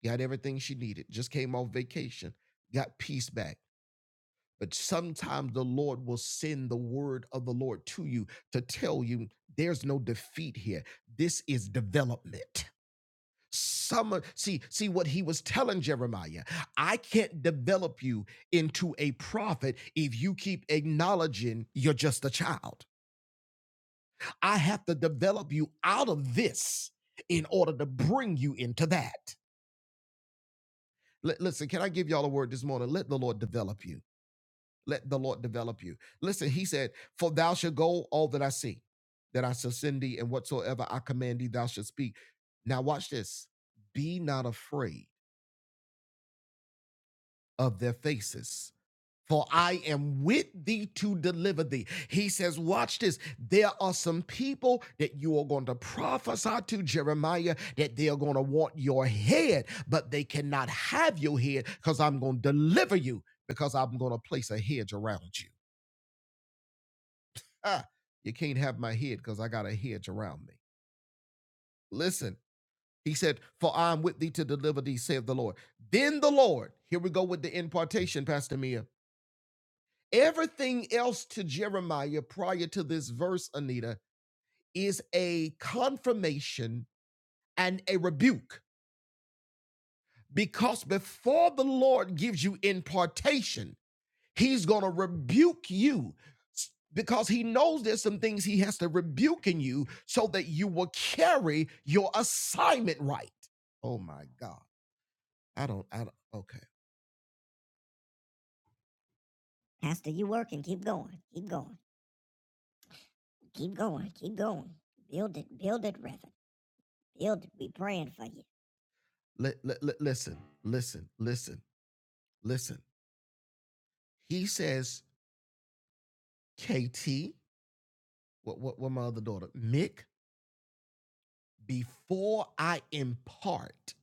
Got everything she needed. Just came off vacation. Got peace back. But sometimes the Lord will send the word of the Lord to you to tell you there's no defeat here. This is development. Some see see what he was telling Jeremiah. I can't develop you into a prophet if you keep acknowledging you're just a child. I have to develop you out of this in order to bring you into that. Li- listen, can I give y'all a word this morning? Let the Lord develop you. Let the Lord develop you. Listen, he said, For thou shalt go all that I see, that I shall send thee, and whatsoever I command thee, thou shalt speak. Now, watch this. Be not afraid of their faces, for I am with thee to deliver thee. He says, Watch this. There are some people that you are going to prophesy to, Jeremiah, that they are going to want your head, but they cannot have your head because I'm going to deliver you because I'm going to place a hedge around you. Ah, you can't have my head because I got a hedge around me. Listen, he said, For I am with thee to deliver thee, saith the Lord. Then the Lord, here we go with the impartation, Pastor Mia. Everything else to Jeremiah prior to this verse, Anita, is a confirmation and a rebuke. Because before the Lord gives you impartation, he's going to rebuke you because he knows there's some things he has to rebuke in you so that you will carry your assignment right. Oh my God. I don't, I don't, okay. Pastor, you working. Keep going. Keep going. Keep going. Keep going. Build it. Build it, Reverend. He'll be praying for you. Li- li- li- listen, listen, listen, listen. He says, KT, what, what, what my other daughter, Mick, before I impart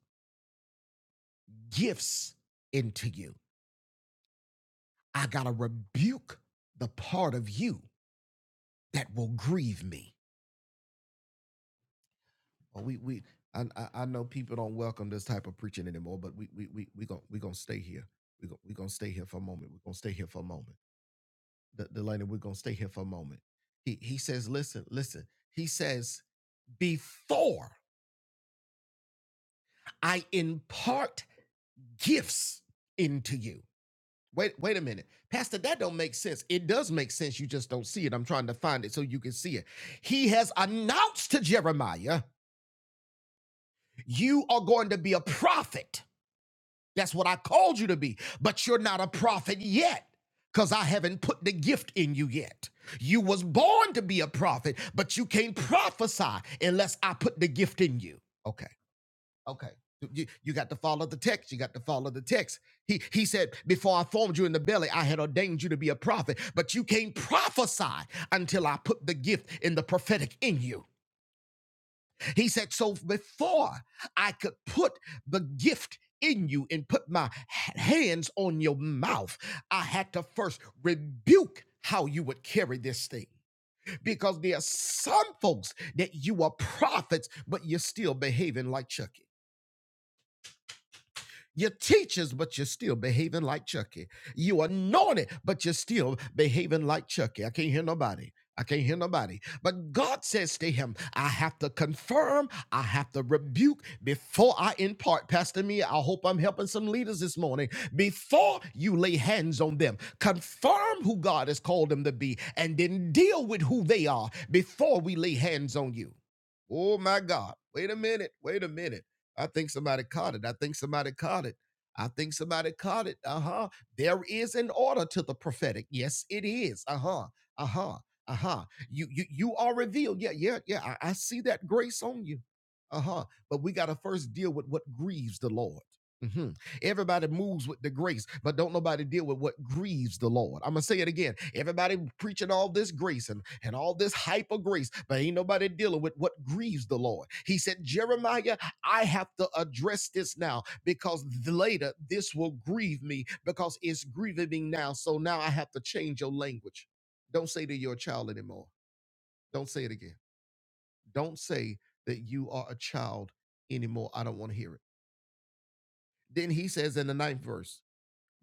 gifts into you, I gotta rebuke the part of you that will grieve me. Well, we we I, I I know people don't welcome this type of preaching anymore, but we we we we gonna we gonna stay here. We gonna we gonna stay here for a moment. We're gonna stay here for a moment De- Delaney, we're gonna stay here for a moment. He he says, listen, listen. He says, before I impart gifts into you. Wait, wait a minute. Pastor, that don't make sense. It does make sense. You just don't see it. I'm trying to find it so you can see it. He has announced to Jeremiah, you are going to be a prophet That's what I called you to be. But you're not a prophet yet because I haven't put the gift in you yet. You was born to be a prophet, but you can't prophesy unless I put the gift in you. Okay. Okay. You, you got to follow the text. You got to follow the text. He he said, Before I formed you in the belly, I had ordained you to be a prophet, but you can't prophesy until I put the gift in the prophetic in you. He said, So before I could put the gift in you and put my hands on your mouth, I had to first rebuke how you would carry this thing. Because there are some folks that you are prophets, but you're still behaving like Chucky. You're teachers, but you're still behaving like Chucky. You anointed, but you're still behaving like Chucky. I can't hear nobody. I can't hear nobody. But God says to him, I have to confirm, I have to rebuke before I impart. Pastor Mia, I hope I'm helping some leaders this morning. Before you lay hands on them, confirm who God has called them to be and then deal with who they are before we lay hands on you. Oh my God. Wait a minute. Wait a minute. I think somebody caught it. I think somebody caught it. I think somebody caught it. Uh huh. There is an order to the prophetic. Yes, it is. Uh huh. Uh huh. Uh huh. You you you are revealed. Yeah yeah yeah. I, I see that grace on you. Uh huh. But we gotta first deal with what grieves the Lord. hmm Everybody moves with the grace, but don't nobody deal with what grieves the Lord. I'm gonna say it again. Everybody preaching all this grace and, and all this hyper grace, but ain't nobody dealing with what grieves the Lord. He said, Jeremiah I have to address this now because later this will grieve me because it's grieving me now. So now I have to change your language. Don't say that you're a child anymore. Don't say it again. Don't say that you are a child anymore. I don't want to hear it. Then he says in the ninth verse,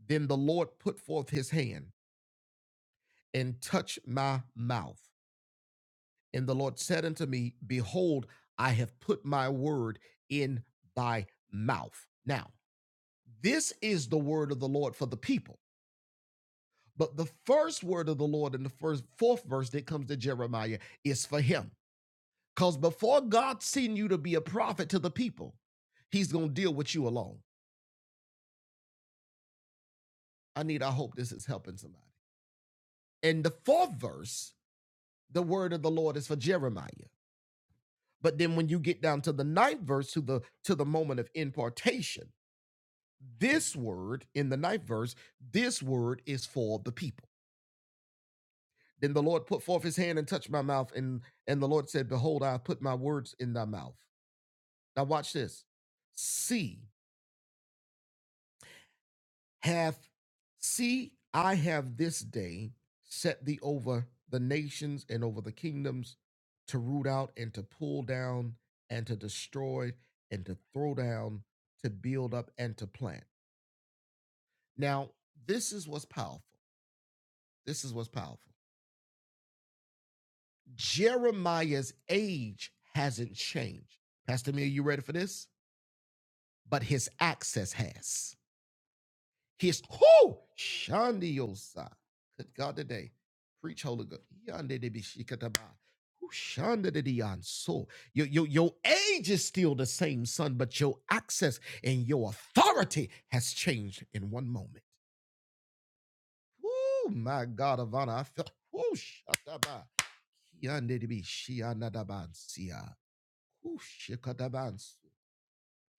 Then the Lord put forth his hand and touched my mouth. And the Lord said unto me, Behold, I have put my word in thy mouth. Now, This is the word of the Lord for the people. But the first word of the Lord in the first fourth verse that comes to Jeremiah is for him. Because before God send you to be a prophet to the people, he's gonna deal with you alone. I need, I hope this is helping somebody. In the fourth verse, the word of the Lord is for Jeremiah. But then when you get down to the ninth verse, to the to the moment of impartation, this word in the ninth verse, this word is for the people. Then the Lord put forth his hand and touched my mouth, and, and the Lord said, Behold, I have put my words in thy mouth. Now watch this. See, hath see, I have this day set thee over the nations and over the kingdoms to root out and to pull down and to destroy and to throw down, to build up and to plant. Now, this is what's powerful. This is what's powerful. Jeremiah's age hasn't changed. Pastor Mia, you ready for this? but his access has. His who shandiosa. Good God today. Preach Holy Ghost. Yande de bishikataba. Who shanda de dianso. Your, your, your age is still the same, son, but your access and your authority has changed in one moment. Oh my God of honor. I felt who shataba. Yande de bishikataba.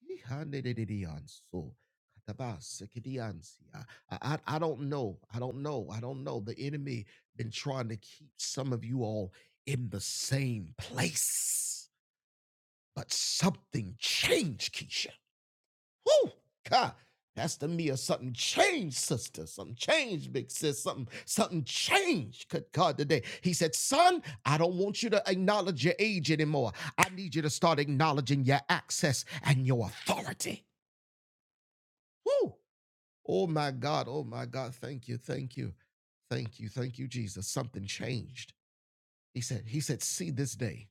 Ihandededianso, katabasekidiansia. I, I I don't know. I don't know. I don't know. The enemy been trying to keep some of you all in the same place. But something changed, Keisha. Whoo! God. Pastor Mia, something changed, sister. Something changed, big sis. Something, something changed. Good God, today. He said, Son, I don't want you to acknowledge your age anymore. I need you to start acknowledging your access and your authority. Woo! Oh my God. Oh my God. Thank you. Thank you. Thank you. Thank you, Jesus. Something changed. He said, He said, see this day.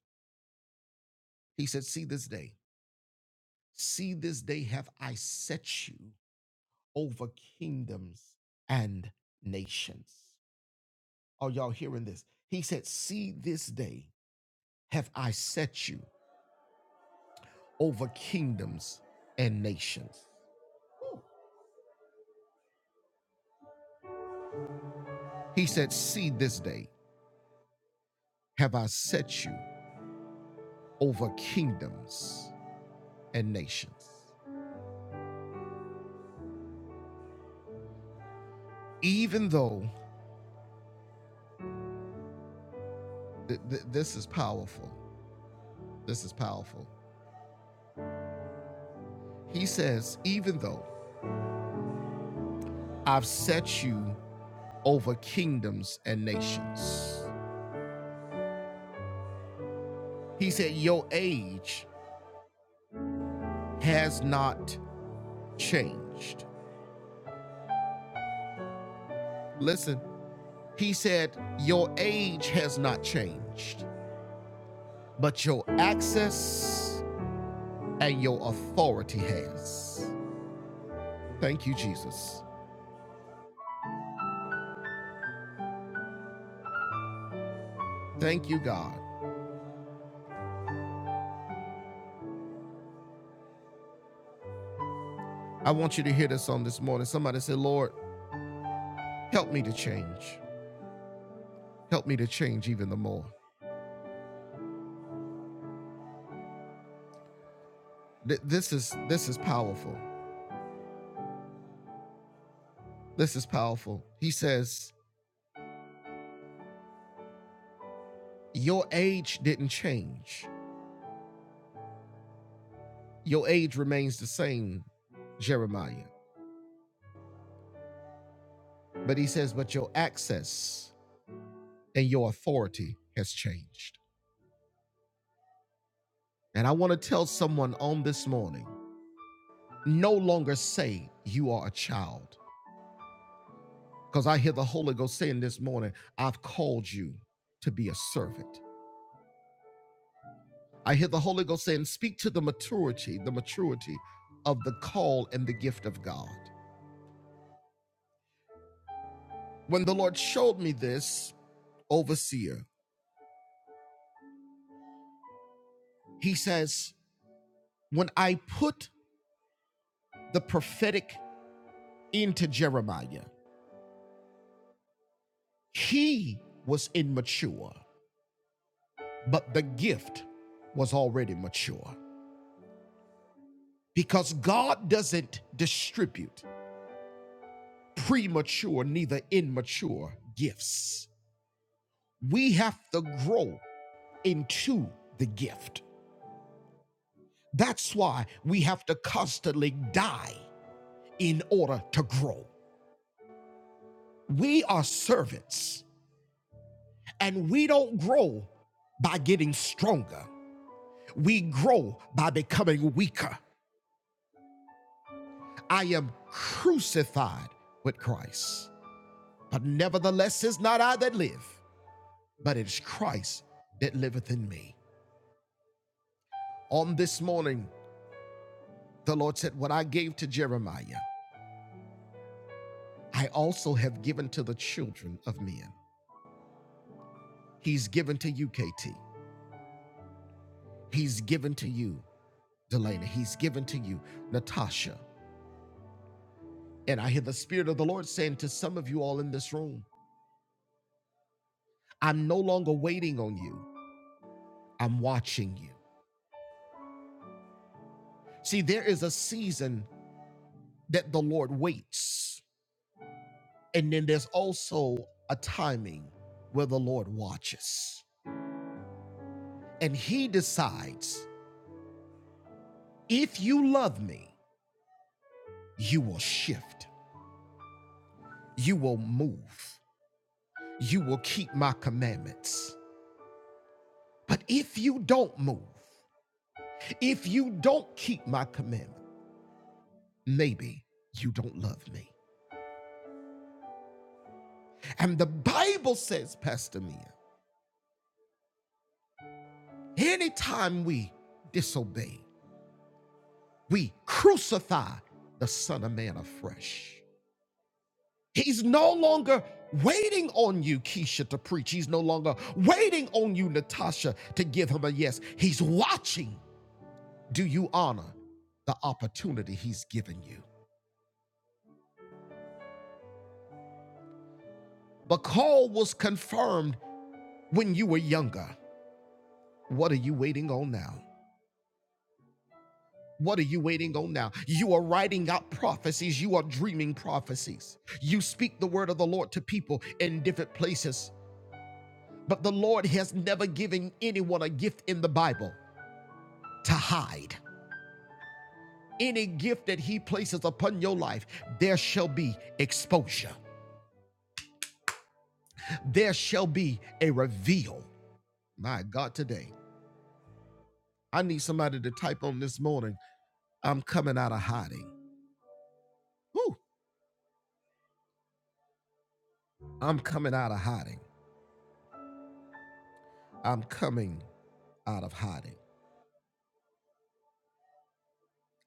He said, see this day. See this day have I set you over kingdoms and nations. Are y'all hearing this? He said, see this day have I set you over kingdoms and nations. Woo. He said, see this day have I set you over kingdoms and nations. even though th- th- this is powerful, this is powerful. He says, even though I've set you over kingdoms and nations, he said, your age has not changed. Listen, he said, your age has not changed, but your access and your authority has. Thank you, Jesus. Thank you, God. I want you to hear this on this morning. Somebody say, Lord, help me to change. Help me to change even the more. Th- this is this is powerful. This is powerful. He says, "Your age didn't change. Your age remains the same, Jeremiah." But he says, "But your access and your authority has changed." And I want to tell someone on this morning, no longer say you are a child, because I hear the Holy Ghost saying this morning, "I've called you to be a servant." I hear the Holy Ghost saying, speak to the maturity, the maturity of the call and the gift of God. When the Lord showed me this, overseer, he says, when I put the prophetic into Jeremiah, he was immature, but the gift was already mature because God doesn't distribute premature, neither immature gifts. We have to grow into the gift. That's why we have to constantly die in order to grow. We are servants and we don't grow by getting stronger. We grow by becoming weaker. I am crucified with Christ, but nevertheless, is not I that live, but it is Christ that liveth in me. On this morning, the Lord said, What I gave to Jeremiah, I also have given to the children of men. He's given to UKT. He's given to you, Delana. He's given to you, Natasha. And I hear the Spirit of the Lord saying to some of you all in this room, I'm no longer waiting on you, I'm watching you. See, there is a season that the Lord waits, and then there's also a timing where the Lord watches. And He decides if you love me, you will shift, you will move, you will keep my commandments. But if you don't move, If you don't keep my commandment, maybe you don't love me. And the Bible says, Pastor Mia, anytime we disobey, we crucify the Son of Man afresh. He's no longer waiting on you, Keisha, to preach. He's no longer waiting on you, Natasha, to give him a yes. He's watching. Do you honor the opportunity he's given you? The call was confirmed when you were younger. What are you waiting on now? What are you waiting on now? You are writing out prophecies. You are dreaming prophecies. You speak the word of the Lord to people in different places. But the Lord has never given anyone a gift in the Bible to hide. Any gift that He places upon your life, there shall be exposure, there shall be a reveal. My God, today, I need somebody to type on this morning I'm coming out of hiding. Whew. I'm coming out of hiding. I'm coming out of hiding.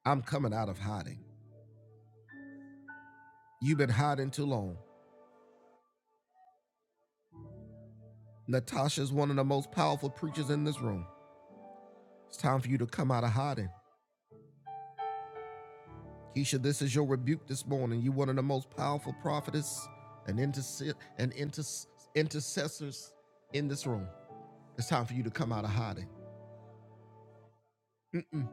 I'm coming out of hiding. You've been hiding too long. Natasha's one of the most powerful preachers in this room. It's time for you to come out of hiding. Keisha, this is your rebuke this morning. You're one of the most powerful prophetess and, interse- and inter- intercessors in this room. It's time for you to come out of hiding. Mm-mm.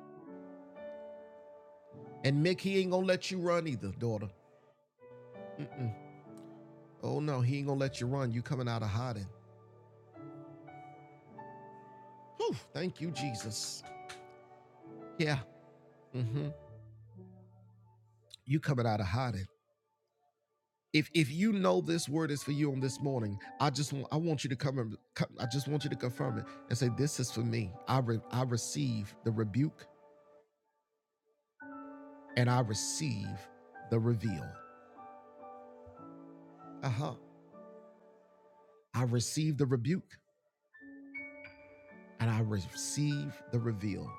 And Mick, he ain't gonna let you run either, daughter. Mm-mm. Oh no, he ain't gonna let you run. You coming out of hiding. Whew, thank you, Jesus. Yeah. hmm You coming out of hiding. if if you know this word is for you on this morning i just want i want you to come and come- i just want you to confirm it and say this is for me i re, i receive the rebuke and i receive the reveal uh-huh i receive the rebuke and i receive the reveal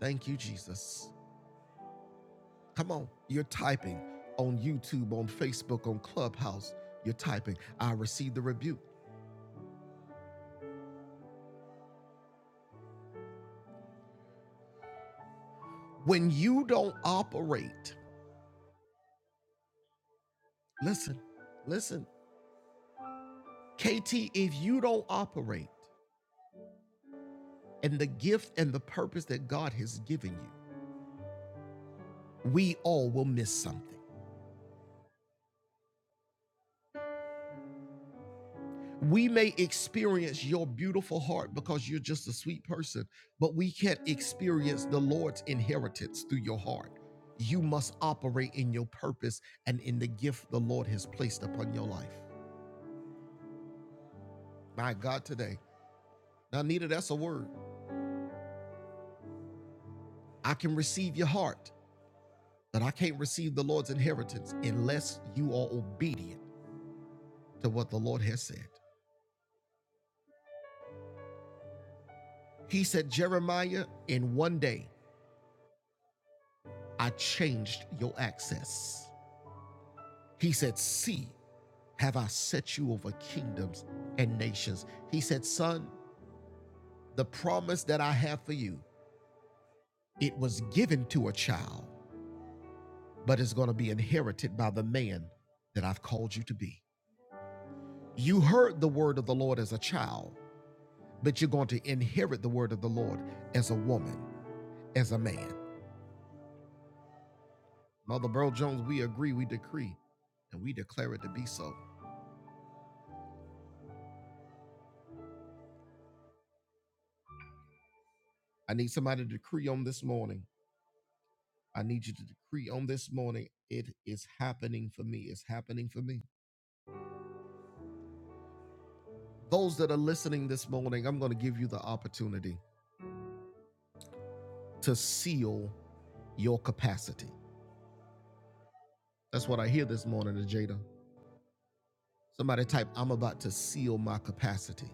thank you jesus come on you're typing on youtube on facebook on clubhouse you're typing i receive the rebuke when you don't operate listen listen KT, if you don't operate in the gift and the purpose that God has given you, we all will miss something. We may experience your beautiful heart because you're just a sweet person, but we can't experience the Lord's inheritance through your heart. You must operate in your purpose and in the gift the Lord has placed upon your life. My God, today. Now, Nita, that's a word. I can receive your heart, but I can't receive the Lord's inheritance unless you are obedient to what the Lord has said. He said, Jeremiah, in one day I changed your access. He said, See, have I set you over kingdoms and nations. He said, Son, the promise that I have for you, it was given to a child, but it's going to be inherited by the man that I've called you to be. You heard the word of the Lord as a child, but you're going to inherit the word of the Lord as a woman, as a man. Mother Burl Jones, we agree, we decree, and we declare it to be so. I need somebody to decree on this morning. I need you to decree on this morning. It is happening for me. It's happening for me. Those that are listening this morning, I'm going to give you the opportunity to seal your capacity. That's what I hear this morning, Jada. Somebody type, I'm about to seal my capacity.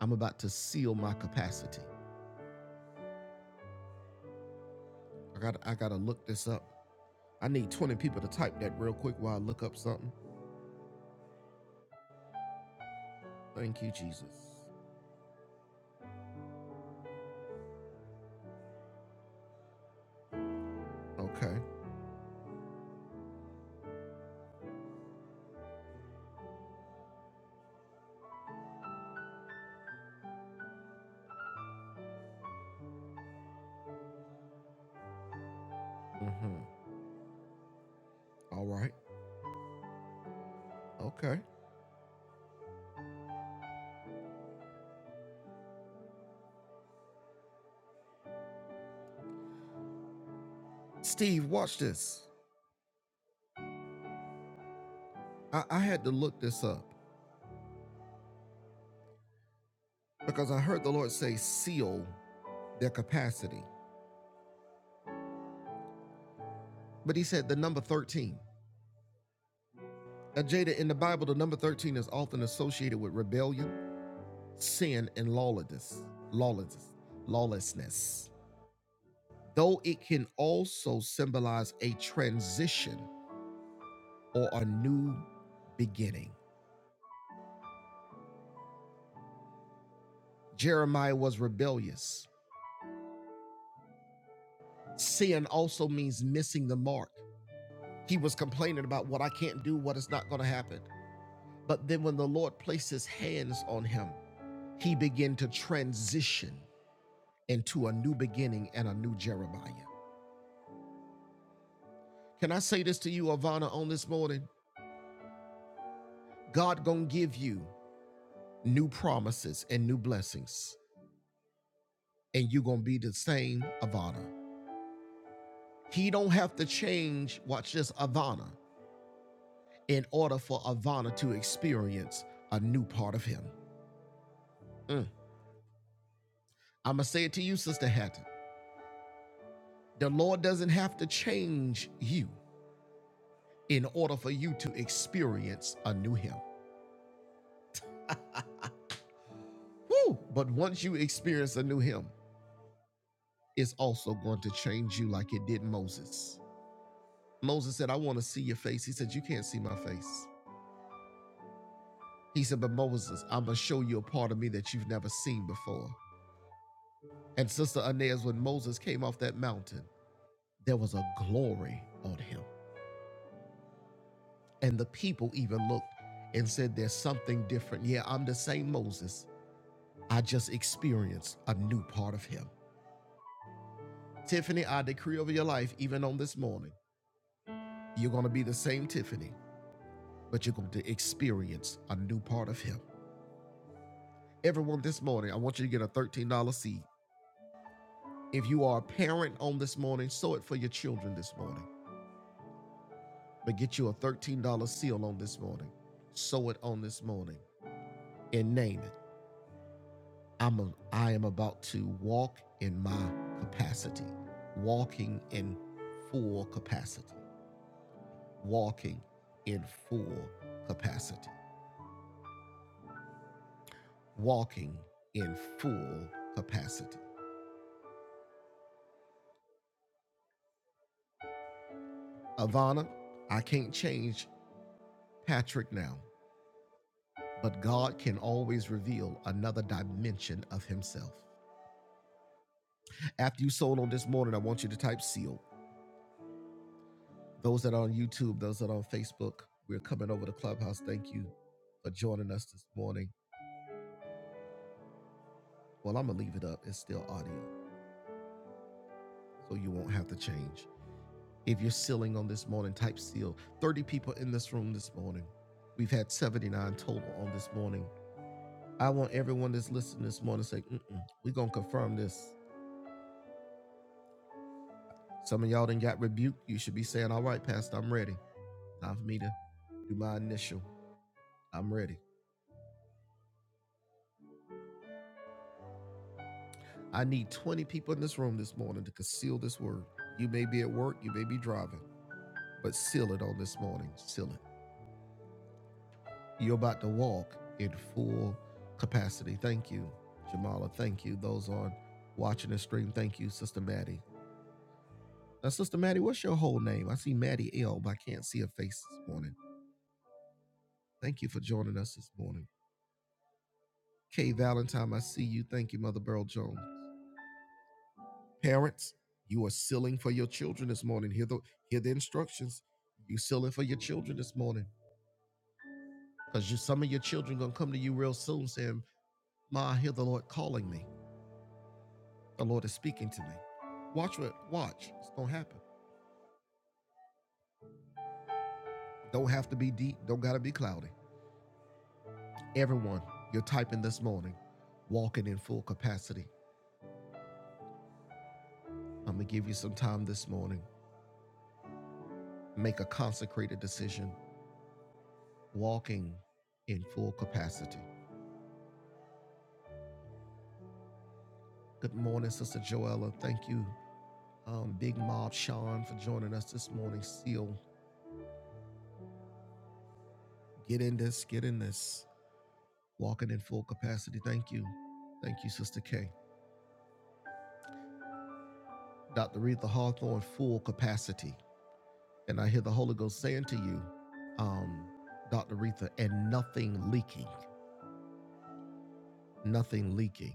I'm about to seal my capacity. I got I gotta look this up. I need 20 people to type that real quick while I look up something. Thank you, Jesus. Okay. Mm-hmm. All right. Okay. Steve, watch this. I, I had to look this up because I heard the Lord say seal their capacity. But he said the number 13. Now, Jada, in the Bible, the number 13 is often associated with rebellion, sin, and lawlessness. Lawlessness. Lawlessness. Though it can also symbolize a transition or a new beginning. Jeremiah was rebellious. Sin also means missing the mark He was complaining about what I can't do, what is not going to happen. But then when the Lord placed his hands on him, he began to transition into a new beginning and a new Jeremiah. Can I say this to you, Ivana, on this morning? God gonna give you new promises and new blessings, and you gonna be the same Ivana. He don't have to change, watch this, Ivana, in order for Ivana to experience a new part of him. Mm. I'ma say it to you, Sister Hatton. The Lord doesn't have to change you in order for you to experience a new Him. Woo! But once you experience a new Him, it's also going to change you like it did Moses. Moses said, I want to see your face. He said, You can't see my face. He said, But Moses, I'm going to show you a part of me that you've never seen before. And Sister Inez, when Moses came off that mountain, there was a glory on him. And the people even looked and said, There's something different. Yeah, I'm the same Moses, I just experienced a new part of him. Tiffany, I decree over your life, even on this morning, you're going to be the same Tiffany, but you're going to experience a new part of him. Everyone, this morning, I want you to get a $13 seed. If you are a parent on this morning, sow it for your children this morning, but get you a $13 seal on this morning. Sow it on this morning and name it. I'm a, I am about to walk in my capacity, walking in full capacity. walking in full capacity. Walking in full capacity. Ivana, I can't change Patrick now, but God can always reveal another dimension of Himself. After you sold on this morning, I want you to type seal. Those that are on YouTube, those that are on Facebook, we're coming over to Clubhouse. Thank you for joining us this morning. Well, I'm going to leave it up. It's still audio, so you won't have to change. If you're sealing on this morning, type seal. 30 people in this room this morning. We've had 79 total on this morning. I want everyone that's listening this morning to say, Mm-mm, we're going to confirm this. Some of y'all done got rebuked. You should be saying, all right, Pastor, I'm ready. Time for me to do my initial. I'm ready. I need 20 people in this room this morning to conceal this word. You may be at work, you may be driving, but seal it on this morning. Seal it. You're about to walk in full capacity. Thank you, Jamala. Thank you. Those on watching the stream, thank you, Sister Maddie. Now, Sister Maddie, what's your whole name? I see Maddie L, but I can't see her face this morning. Thank you for joining us this morning. Kay Valentine, I see you. Thank you, Mother Burl Jones. Parents, you are sealing for your children this morning. Hear the hear the instructions. You sealing for your children this morning. Because you some of your children gonna come to you real soon saying, Ma, I hear the Lord calling me. The Lord is speaking to me. Watch what watch. It's gonna happen. Don't have to be deep. Don't gotta be cloudy. Everyone, you're typing this morning, walking in full capacity. I'm gonna give you some time this morning. Make a consecrated decision. Walking in full capacity. Good morning, Sister Joella. Thank you, um, Big Mob Sean, for joining us this morning. Seal, get in this, get in this. Walking in full capacity. Thank you. Thank you, Sister K. Dr. Retha Hawthorne, full capacity. And I hear the Holy Ghost saying to you, um, Dr. Retha, and nothing leaking, nothing leaking.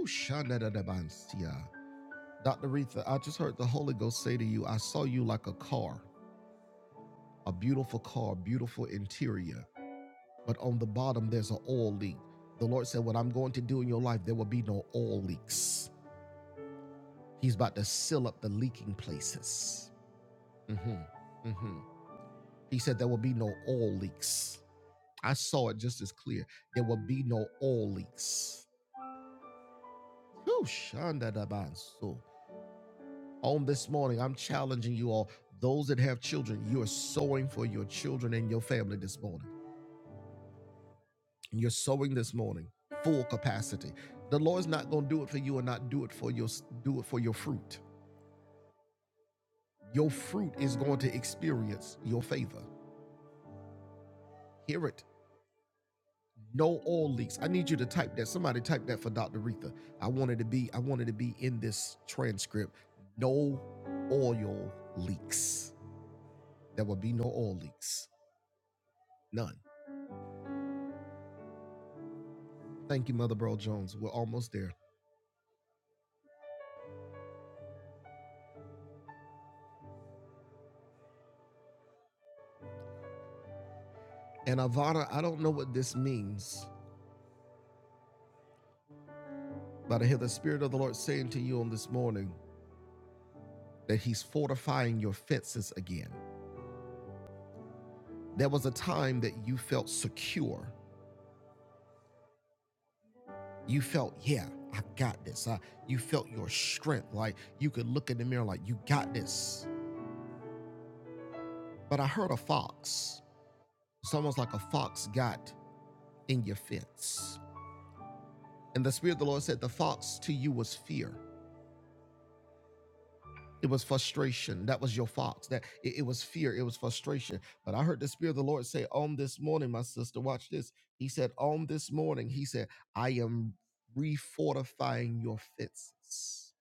Ushanadadabansia. Dr. Retha, I just heard the Holy Ghost say to you, I saw you like a car, a beautiful car, beautiful interior, but on the bottom there's an oil leak. The Lord said, What I'm going to do in your life, there will be no oil leaks. He's about to seal up the leaking places. hmm hmm He said, There will be no oil leaks. I saw it just as clear. There will be no oil leaks. Whew, shanda so. On this morning, I'm challenging you all. Those that have children, you are sowing for your children and your family this morning. And You're sowing this morning, full capacity. The Lord's not going to do it for you and not do it for your do it for your fruit. Your fruit is going to experience your favor. Hear it. No oil leaks. I need you to type that. Somebody type that for Dr. Retha. I wanted to be, I wanted to be in this transcript. No oil leaks. There will be no oil leaks. None. Thank you, Mother Burl Jones. We're almost there. And Avada, I don't know what this means, but I hear the Spirit of the Lord saying to you on this morning that He's fortifying your fences again. There was a time that you felt secure you felt yeah i got this I, you felt your strength like you could look in the mirror like you got this but i heard a fox it's almost like a fox got in your fence and the spirit of the lord said the fox to you was fear it was frustration that was your fox that it, it was fear it was frustration but i heard the spirit of the lord say on this morning my sister watch this he said on this morning he said i am refortifying your fences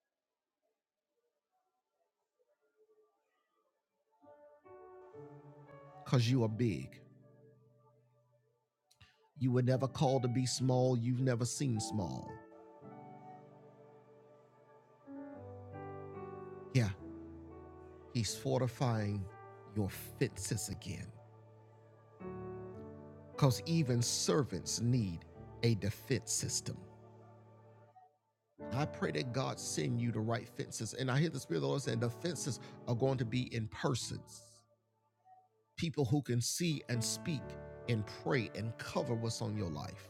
because you are big You were never called to be small. You've never seen small. Yeah, he's fortifying your fences again. Because even servants need a defense system. I pray that God send you the right fences. And I hear the Spirit of the Lord saying the fences are going to be in persons, people who can see and speak and pray and cover what's on your life.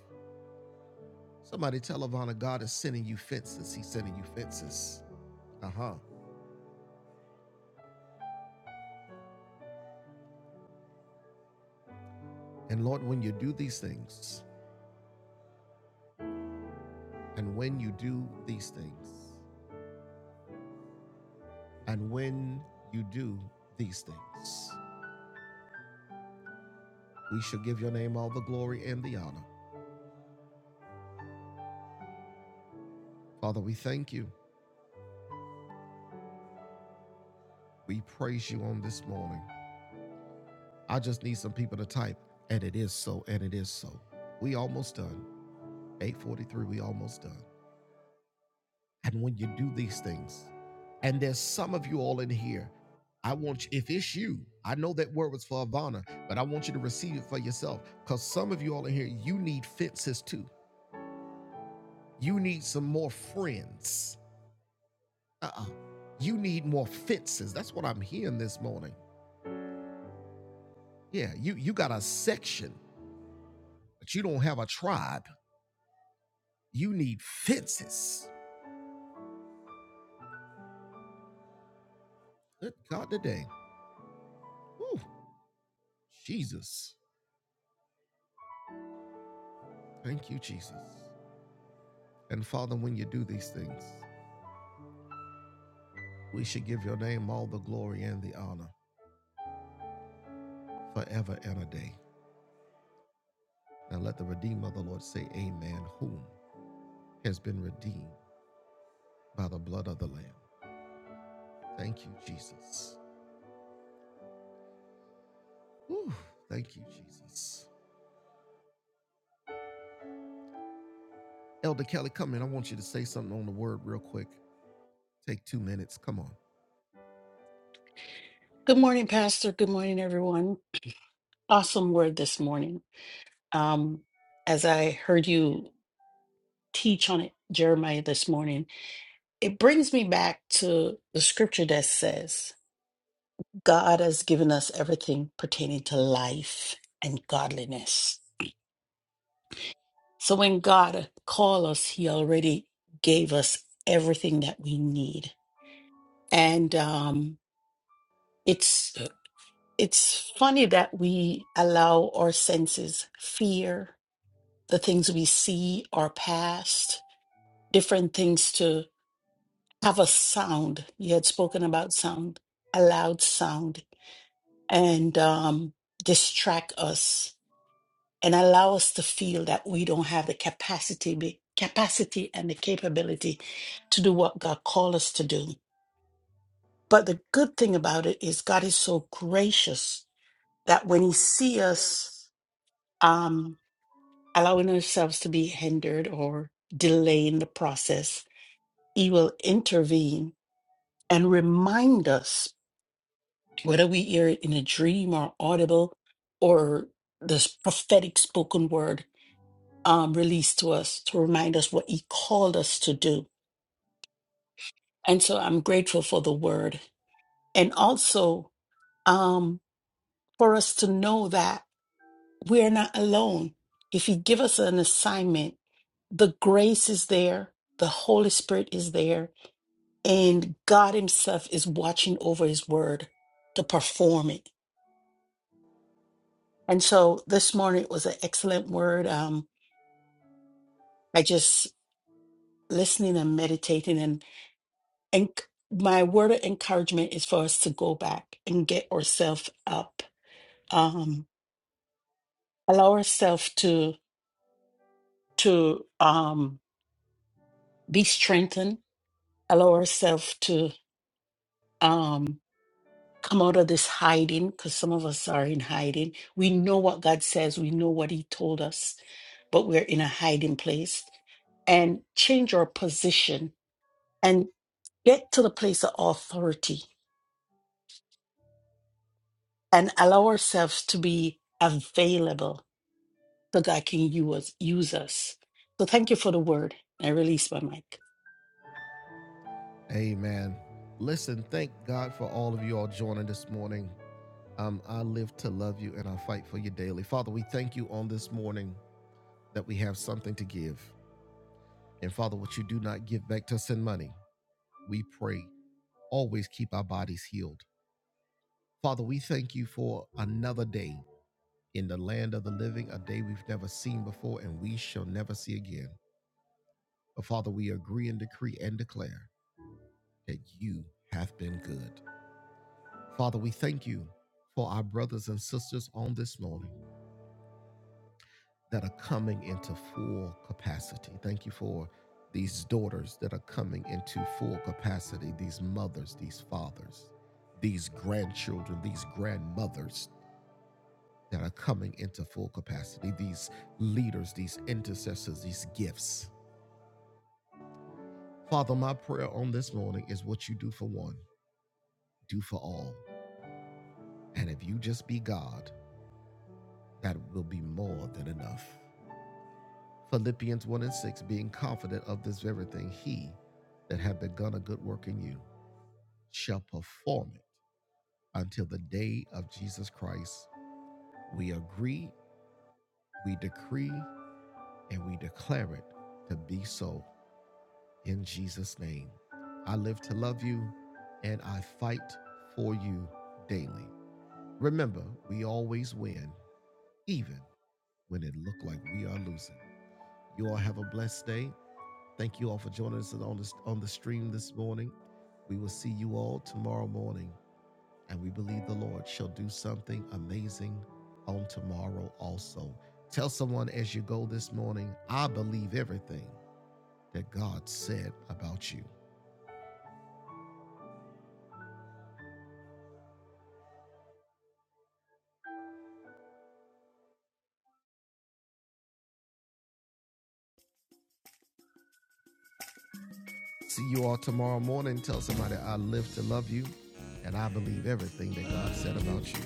Somebody tell Ivana God is sending you fences. He's sending you fences. Uh huh. And Lord, when you do these things, And when you do these things, and when you do these things, we shall give your name all the glory and the honor. Father, we thank you. We praise you on this morning. I just need some people to type, and it is so, and it is so. We almost done. 843, we almost done. And when you do these things, and there's some of you all in here, I want you, if it's you, I know that word was for Ivana, but I want you to receive it for yourself. Because some of you all in here, you need fences too. You need some more friends. Uh-uh. You need more fences. That's what I'm hearing this morning. Yeah, you you got a section, but you don't have a tribe. You need fences. Good God today. Whew. Jesus. Thank you, Jesus. And Father, when you do these things, we should give your name all the glory and the honor forever and a day. And let the Redeemer of the Lord say, Amen, whom has been redeemed by the blood of the Lamb. Thank you, Jesus. Whew, thank you, Jesus. Elder Kelly, come in. I want you to say something on the word real quick. Take two minutes. Come on.
Good morning, Pastor. Good morning, everyone. Awesome word this morning. Um, as I heard you teach on it, Jeremiah, this morning, it brings me back to the scripture that says, God has given us everything pertaining to life and godliness. So when God called us, He already gave us everything that we need. And um, it's it's funny that we allow our senses, fear, the things we see are past, different things to have a sound. You had spoken about sound, a loud sound, and um, distract us and allow us to feel that we don't have the capacity, be- capacity and the capability to do what God called us to do. But the good thing about it is God is so gracious that when He see us um, allowing ourselves to be hindered or delaying the process, He will intervene and remind us, whether we hear it in a dream or audible or this prophetic spoken word um, released to us, to remind us what He called us to do. And so I'm grateful for the word. And also um, for us to know that we are not alone. If He give us an assignment, the grace is there, the Holy Spirit is there, and God Himself is watching over His word to perform it. And so this morning was an excellent word. Um, I just listening and meditating, and and c- my word of encouragement is for us to go back and get ourselves up, um, allow ourselves to to um, be strengthened, allow ourselves to. Um, come out of this hiding because some of us are in hiding. We know what God says, we know what He told us, but we're in a hiding place and change our position and get to the place of authority and allow ourselves to be available so God can use, us. use us. So thank you for the word. I release my mic.
Amen. Listen, thank God for all of you all joining this morning. Um, I live to love you and I fight for you daily. Father, we thank you on this morning that we have something to give. And Father, what you do not give back to us in money, we pray. Always keep our bodies healed. Father, we thank you for another day in the land of the living, a day we've never seen before and we shall never see again. But Father, we agree and decree and declare that you have been good. Father, we thank you for our brothers and sisters on this morning that are coming into full capacity. Thank you for these daughters that are coming into full capacity, these mothers, these fathers, these grandchildren, these grandmothers that are coming into full capacity, these leaders, these intercessors, these gifts. Father, my prayer on this morning is what you do for one, do for all. And if you just be God, that will be more than enough. Philippians 1 and 6, being confident of this very thing, he that hath begun a good work in you shall perform it until the day of Jesus Christ. We agree, we decree, and we declare it to be so in Jesus' name. I live to love you and I fight for you daily. Remember, we always win, even when it looked like we are losing. You all have a blessed day. Thank you all for joining us on the on the stream this morning. We will see you all tomorrow morning, and we believe the Lord shall do something amazing on tomorrow also. Tell someone as you go this morning, I believe everything that God said about you. See you all tomorrow morning. Tell somebody I live to love you, and I believe everything that God said about you.